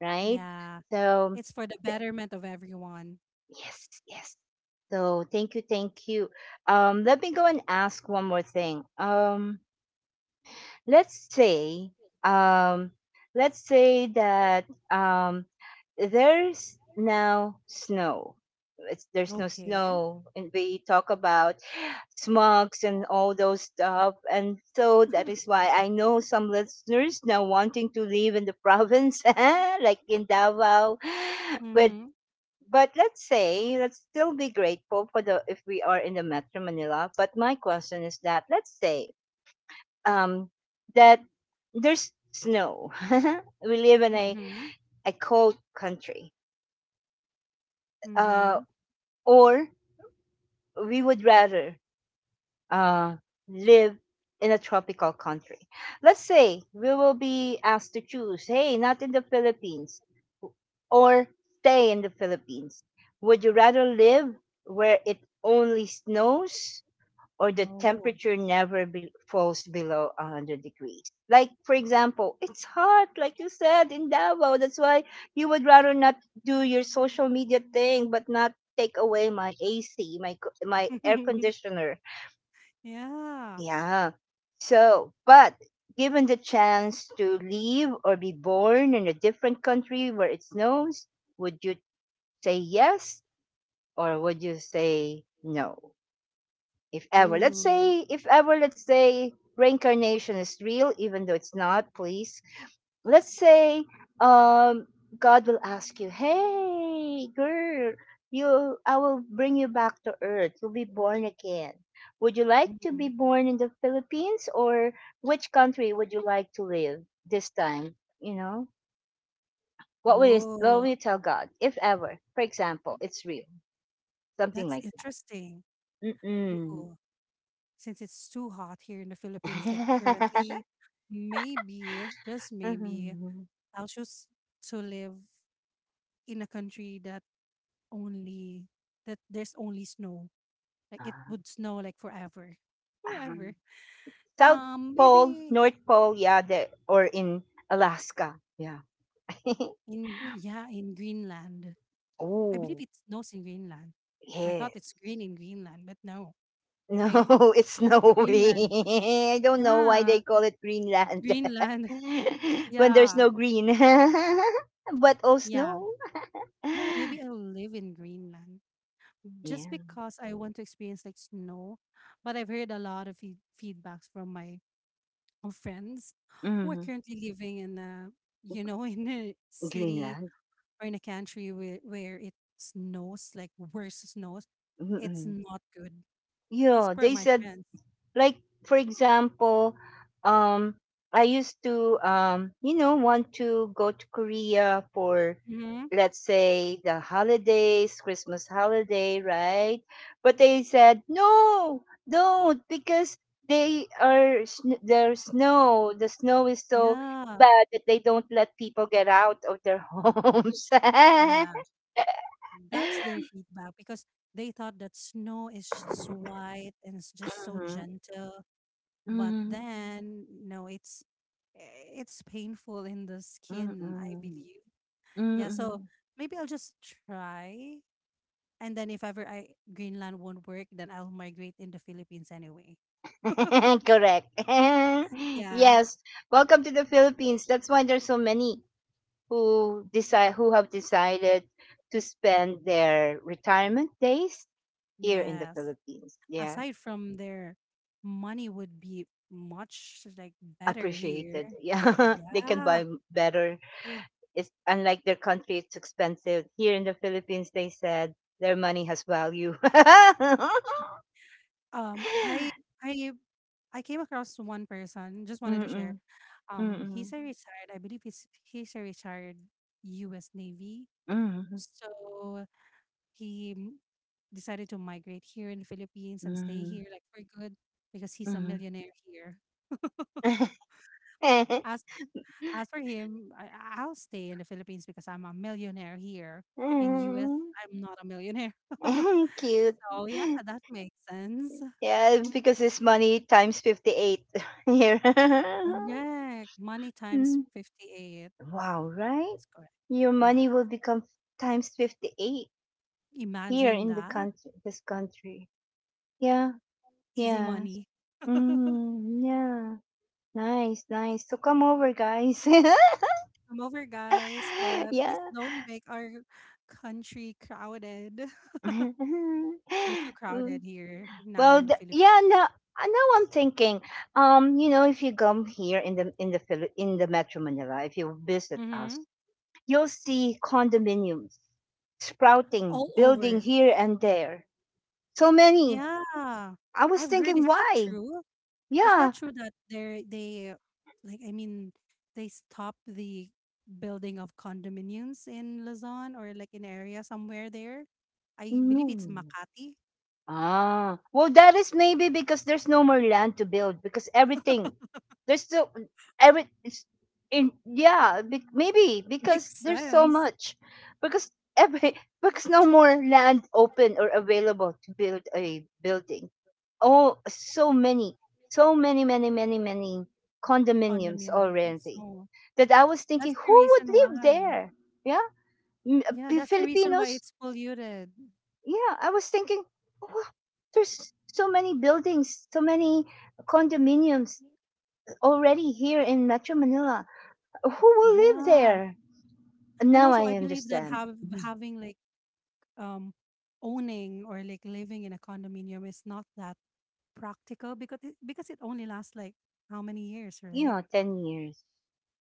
[SPEAKER 1] right?
[SPEAKER 2] It's
[SPEAKER 1] So,
[SPEAKER 2] for the
[SPEAKER 1] th-
[SPEAKER 2] betterment of everyone.
[SPEAKER 1] yes, yes. So, thank you, thank you. Let me go and ask one more thing. Let's say, um, let's say that um, there's now snow. There's no
[SPEAKER 2] Okay.
[SPEAKER 1] snow, and we talk about smugs and all those stuff. And so that is why I know some listeners now wanting to live in the province, like in Davao. But
[SPEAKER 2] Mm-hmm.
[SPEAKER 1] but let's say let's still be grateful for the if we are in the Metro Manila. But my question is that let's say um, that there's snow. We live in
[SPEAKER 2] Mm-hmm.
[SPEAKER 1] a cold country. Uh,
[SPEAKER 2] Mm-hmm.
[SPEAKER 1] or we would rather uh, live in a tropical country. Let's say we will be asked to choose, hey, not in the Philippines or stay in the Philippines. Would you rather live where it only snows or the
[SPEAKER 2] Oh.
[SPEAKER 1] temperature never falls below 100 degrees? Like, for example, it's hot, like you said, in Davao. That's why you would rather not do your social media thing, but not take away my AC, my air conditioner,
[SPEAKER 2] Yeah.
[SPEAKER 1] yeah. So, but given the chance to live or be born in a different country where it snows, would you say yes or would you say no? If ever, let's
[SPEAKER 2] Ooh.
[SPEAKER 1] say, if ever, let's say reincarnation is real, even though it's not, please let's say um God will ask you, "Hey, girl, you I will bring you back to earth. You'll be born again. Would you like to be
[SPEAKER 2] Mhm.
[SPEAKER 1] born in the Philippines, or which country would you like to live this time?" You know? What will
[SPEAKER 2] Oh.
[SPEAKER 1] you tell God if ever? For example, it's real. Something
[SPEAKER 2] That's
[SPEAKER 1] like that.
[SPEAKER 2] interesting.
[SPEAKER 1] Mm-mm.
[SPEAKER 2] Ooh. Since it's too hot here in the Philippines, like currently, maybe, just maybe,
[SPEAKER 1] Mhm.
[SPEAKER 2] I'll choose to live in a country that only, that there's only snow. Like it would snow like forever.
[SPEAKER 1] Um,
[SPEAKER 2] Forever.
[SPEAKER 1] South Pole,
[SPEAKER 2] Maybe
[SPEAKER 1] North Pole, yeah, there, or in Alaska. Yeah.
[SPEAKER 2] in, yeah, in Greenland. I believe
[SPEAKER 1] Oh,
[SPEAKER 2] it snows in Greenland. I
[SPEAKER 1] yeah.
[SPEAKER 2] thought it's green in Greenland, but no.
[SPEAKER 1] No,
[SPEAKER 2] I It
[SPEAKER 1] it's
[SPEAKER 2] snows in
[SPEAKER 1] snowy.
[SPEAKER 2] Greenland.
[SPEAKER 1] I don't know why they
[SPEAKER 2] Yeah.
[SPEAKER 1] call it Greenland.
[SPEAKER 2] Greenland.
[SPEAKER 1] When there's
[SPEAKER 2] Yeah.
[SPEAKER 1] no green, but all
[SPEAKER 2] Yeah.
[SPEAKER 1] snow.
[SPEAKER 2] Yeah, maybe I'll live in Greenland just
[SPEAKER 1] Yeah.
[SPEAKER 2] because I want to experience like snow. But I've heard a lot of feedbacks from my friends who are
[SPEAKER 1] Hmm.
[SPEAKER 2] currently living in a, in a city
[SPEAKER 1] Greenland.
[SPEAKER 2] or in a country where it snows, like worse snows, it's
[SPEAKER 1] Mm-mm.
[SPEAKER 2] not good, as
[SPEAKER 1] Yeah,
[SPEAKER 2] per
[SPEAKER 1] they
[SPEAKER 2] my
[SPEAKER 1] said,
[SPEAKER 2] friends.
[SPEAKER 1] like, for example, um I used to you know want to go to korea for,
[SPEAKER 2] Hmm.
[SPEAKER 1] let's say, the holidays, christmas holiday, right? But they said no, don't, because they are the snow is so
[SPEAKER 2] Yeah,
[SPEAKER 1] bad that they don't let people get out of their homes.
[SPEAKER 2] yeah. That's their feedback because they thought that snow is just white and it's just so
[SPEAKER 1] Mhm.
[SPEAKER 2] gentle. But
[SPEAKER 1] Mhm.
[SPEAKER 2] then, no, it's it's painful in the
[SPEAKER 1] Mhm.
[SPEAKER 2] skin, I
[SPEAKER 1] Mhm.
[SPEAKER 2] believe. Yeah, so
[SPEAKER 1] Mhm.
[SPEAKER 2] maybe I'll just try. And then if ever I Greenland won't work, then I'll migrate in the Philippines anyway.
[SPEAKER 1] Correct.
[SPEAKER 2] Yeah.
[SPEAKER 1] Yes. Welcome to the Philippines. That's why there's so many who have decided to spend their retirement days here in the
[SPEAKER 2] Yes.
[SPEAKER 1] Philippines. Yeah.
[SPEAKER 2] Aside from their money would be much like better
[SPEAKER 1] Appreciated.
[SPEAKER 2] here.
[SPEAKER 1] Yeah. They can
[SPEAKER 2] Yeah.
[SPEAKER 1] better. It's unlike their country, it's expensive. Here in the Philippines, they said their money has value.
[SPEAKER 2] Um I I I came across one person, just wanted to share.
[SPEAKER 1] Mm-mm.
[SPEAKER 2] He's
[SPEAKER 1] Mm-mm.
[SPEAKER 2] a retired, I believe he's a retired US Navy.
[SPEAKER 1] Mm-mm.
[SPEAKER 2] So he m- decided to migrate here in the Philippines and stay
[SPEAKER 1] Mm-mm.
[SPEAKER 2] here like for good because he's a millionaire here.
[SPEAKER 1] Mm-mm.
[SPEAKER 2] As As for him, will stay in the Philippines because I'm a millionaire here. In US,
[SPEAKER 1] Mm,
[SPEAKER 2] I'm not a millionaire.
[SPEAKER 1] cute.
[SPEAKER 2] So yeah, that makes sense.
[SPEAKER 1] Yeah, because it's money times 58 here.
[SPEAKER 2] Correct. Money times
[SPEAKER 1] Mm,
[SPEAKER 2] 58.
[SPEAKER 1] wow, right?
[SPEAKER 2] That's correct.
[SPEAKER 1] Your
[SPEAKER 2] Yeah.
[SPEAKER 1] money will become times 58 here
[SPEAKER 2] Imagine
[SPEAKER 1] in the
[SPEAKER 2] that.
[SPEAKER 1] country, this country. Yeah,
[SPEAKER 2] Easy
[SPEAKER 1] yeah.
[SPEAKER 2] money.
[SPEAKER 1] Mm, yeah. Nice, nice. So come over, guys.
[SPEAKER 2] I'm over, guys, but
[SPEAKER 1] Yeah.
[SPEAKER 2] please don't make our country crowded. We're too
[SPEAKER 1] Mm.
[SPEAKER 2] crowded here now
[SPEAKER 1] Well,
[SPEAKER 2] in the Philippines.
[SPEAKER 1] yeah, no, now I'm thinking, you know, if you come here in in the Metro Manila, if you visit us,
[SPEAKER 2] Mm-hmm.
[SPEAKER 1] you'll see condominiums sprouting,
[SPEAKER 2] All
[SPEAKER 1] building
[SPEAKER 2] over.
[SPEAKER 1] here and there. So many.
[SPEAKER 2] Yeah.
[SPEAKER 1] I was
[SPEAKER 2] I've heard.
[SPEAKER 1] thinking,
[SPEAKER 2] Is that
[SPEAKER 1] why?
[SPEAKER 2] true? Is
[SPEAKER 1] Yeah,
[SPEAKER 2] that true that they like I mean they stop the building of condominiums in Luzon or like in area somewhere there? I believe it's
[SPEAKER 1] no,
[SPEAKER 2] Makati.
[SPEAKER 1] ah, well, that is maybe because there's no more land to build because everything, there's still every it's in yeah be, maybe because
[SPEAKER 2] Makes
[SPEAKER 1] there's so
[SPEAKER 2] sense.
[SPEAKER 1] much, because every because no more land open or available to build a building. Oh, so many, so many, many, many, many condominiums
[SPEAKER 2] Condominiums.
[SPEAKER 1] already
[SPEAKER 2] So
[SPEAKER 1] that I was
[SPEAKER 2] that's
[SPEAKER 1] thinking,
[SPEAKER 2] the
[SPEAKER 1] who would
[SPEAKER 2] reason
[SPEAKER 1] live
[SPEAKER 2] why.
[SPEAKER 1] there? Yeah,
[SPEAKER 2] Yeah, that's the reason why
[SPEAKER 1] Filipinos,
[SPEAKER 2] it's polluted.
[SPEAKER 1] yeah, I was thinking, oh, "Wow, there's so many buildings, so many condominiums already here in Metro Manila. Who will live
[SPEAKER 2] Yeah.
[SPEAKER 1] there?" And
[SPEAKER 2] And
[SPEAKER 1] now
[SPEAKER 2] also
[SPEAKER 1] I
[SPEAKER 2] I believe that
[SPEAKER 1] understand.
[SPEAKER 2] have
[SPEAKER 1] Mhm.
[SPEAKER 2] having like, um owning or like living in a condominium is not that practical because it only lasts like how many years,
[SPEAKER 1] You
[SPEAKER 2] right?
[SPEAKER 1] know, 10 years.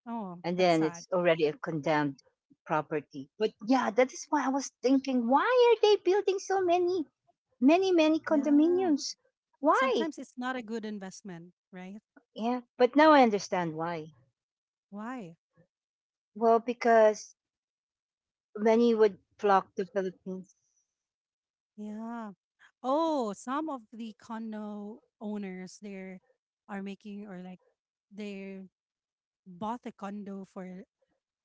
[SPEAKER 2] Oh,
[SPEAKER 1] And
[SPEAKER 2] that's
[SPEAKER 1] then
[SPEAKER 2] sad.
[SPEAKER 1] it's already a condemned property. But yeah, that is why I was thinking, why are they building so many, many, many
[SPEAKER 2] Yeah.
[SPEAKER 1] condominiums? Why?
[SPEAKER 2] Sometimes it's not a good investment, right?
[SPEAKER 1] Yeah, but now I understand why.
[SPEAKER 2] Why?
[SPEAKER 1] Well, because many would flock to Philippines.
[SPEAKER 2] Yeah. Oh, some of the condo owners there are making, or like they bought a condo for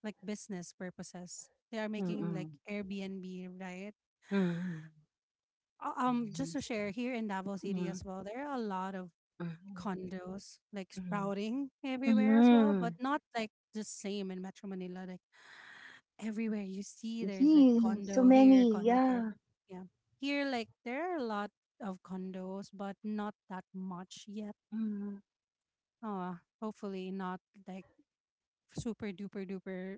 [SPEAKER 2] like business purposes. They are making like
[SPEAKER 1] Mm-mm.
[SPEAKER 2] Airbnb, right?
[SPEAKER 1] Mm-mm.
[SPEAKER 2] Just
[SPEAKER 1] Mhm.
[SPEAKER 2] to share, here in Davao City
[SPEAKER 1] Mhm.
[SPEAKER 2] as well, there are a lot of
[SPEAKER 1] Mhm.
[SPEAKER 2] condos like
[SPEAKER 1] Mhm.
[SPEAKER 2] sprouting everywhere as well, but
[SPEAKER 1] Mhm.
[SPEAKER 2] not like the same in Metro Manila. Like everywhere you see, there's like
[SPEAKER 1] Gee, so
[SPEAKER 2] condo here,
[SPEAKER 1] many,
[SPEAKER 2] condo there.
[SPEAKER 1] yeah.
[SPEAKER 2] Yeah, here like there are a lot of condos, but not that much yet.
[SPEAKER 1] Mhm.
[SPEAKER 2] Uh, hopefully not like super duper duper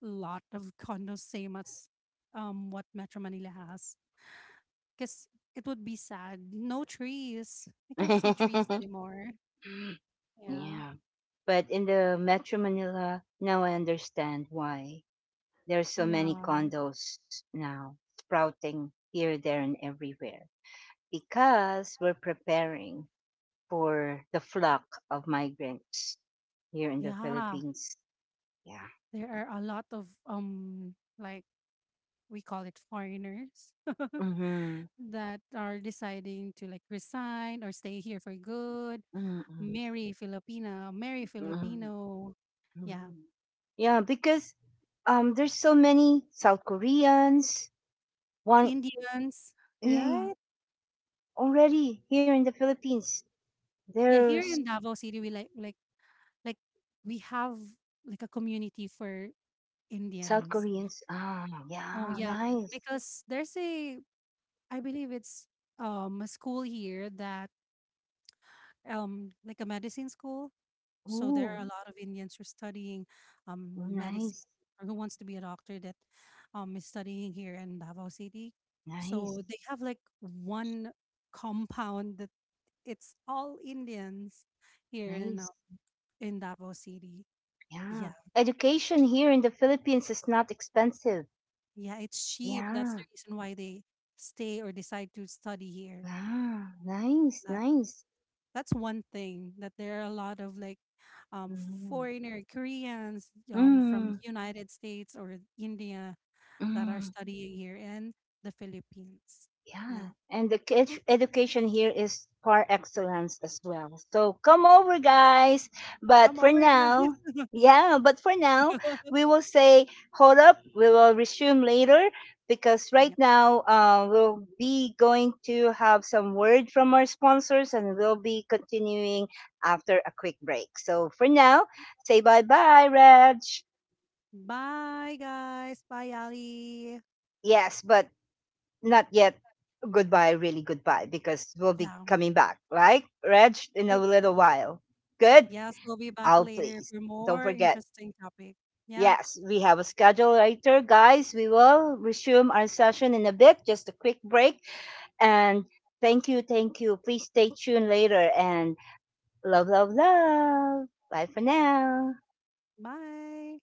[SPEAKER 2] lot of condos same as what Metro Manila has. Cause it would be sad. No trees. I can't see trees anymore. Yeah.
[SPEAKER 1] Yeah. But in the Metro Manila, now I understand why there's so many
[SPEAKER 2] Yeah.
[SPEAKER 1] condos now sprouting here, there, and everywhere because we're preparing for the flock of migrants here in the
[SPEAKER 2] Yeah,
[SPEAKER 1] Philippines. Yeah.
[SPEAKER 2] there are a lot of like we call it foreigners
[SPEAKER 1] Mm-hmm.
[SPEAKER 2] that are deciding to like resign or stay here for good.
[SPEAKER 1] Mm-hmm.
[SPEAKER 2] Marry Filipina, marry
[SPEAKER 1] Mm-hmm.
[SPEAKER 2] Filipino. Yeah,
[SPEAKER 1] Mm. Yeah, because there's so many South Koreans. One,
[SPEAKER 2] Indians,
[SPEAKER 1] yeah,
[SPEAKER 2] right?
[SPEAKER 1] already here in the Philippines,
[SPEAKER 2] Yeah, here
[SPEAKER 1] there's
[SPEAKER 2] in Davao City we like we have like a community for
[SPEAKER 1] South
[SPEAKER 2] Indians.
[SPEAKER 1] Koreans. Ah,
[SPEAKER 2] Oh
[SPEAKER 1] yeah,
[SPEAKER 2] yeah,
[SPEAKER 1] nice.
[SPEAKER 2] because there's a, I believe it's a school here that, like a medicine school. So there
[SPEAKER 1] Ooh,
[SPEAKER 2] are a lot of Indians who are studying,
[SPEAKER 1] oh,
[SPEAKER 2] um, medicine,
[SPEAKER 1] nice,
[SPEAKER 2] or who wants to be a doctor that is studying here in Davao City. So
[SPEAKER 1] nice,
[SPEAKER 2] they have like one compound that it's all Indians here
[SPEAKER 1] nice.
[SPEAKER 2] in Davao City.
[SPEAKER 1] Yeah,
[SPEAKER 2] Yeah,
[SPEAKER 1] education here in the Philippines is not expensive.
[SPEAKER 2] yeah, it's cheap. That's
[SPEAKER 1] Yeah,
[SPEAKER 2] the reason why they stay or decide to study here.
[SPEAKER 1] yeah, nice,
[SPEAKER 2] That
[SPEAKER 1] nice.
[SPEAKER 2] that's one thing that there are a lot of like um
[SPEAKER 1] Mm.
[SPEAKER 2] foreigner Koreans, from
[SPEAKER 1] Mm.
[SPEAKER 2] United States or India that are
[SPEAKER 1] Mm.
[SPEAKER 2] studying here in the Philippines.
[SPEAKER 1] Yeah,
[SPEAKER 2] Yeah.
[SPEAKER 1] and the education here is par excellence as well. So come over, guys. But
[SPEAKER 2] Come
[SPEAKER 1] for
[SPEAKER 2] over, guys.
[SPEAKER 1] now, yeah, but for now, we will say, hold up, we will resume later because right
[SPEAKER 2] Yep.
[SPEAKER 1] now we'll be going to have some word from our sponsors and we'll be continuing after a quick break. So for now, say bye bye, Raj.
[SPEAKER 2] Bye, guys. Bye, Ali.
[SPEAKER 1] Yes, but not yet goodbye, really goodbye, because we'll be
[SPEAKER 2] Yeah.
[SPEAKER 1] coming back, right, Reg, in a
[SPEAKER 2] we-
[SPEAKER 1] little while. Good?
[SPEAKER 2] Yes, we'll be back
[SPEAKER 1] I'll
[SPEAKER 2] later
[SPEAKER 1] please.
[SPEAKER 2] for
[SPEAKER 1] Don't
[SPEAKER 2] more
[SPEAKER 1] forget.
[SPEAKER 2] interesting topic. Yeah.
[SPEAKER 1] Yes, we have a schedule later, guys. We will resume our session in a bit, just a quick break. And thank you, thank you. Please stay tuned later. And love, love, love. Bye for now.
[SPEAKER 2] Bye.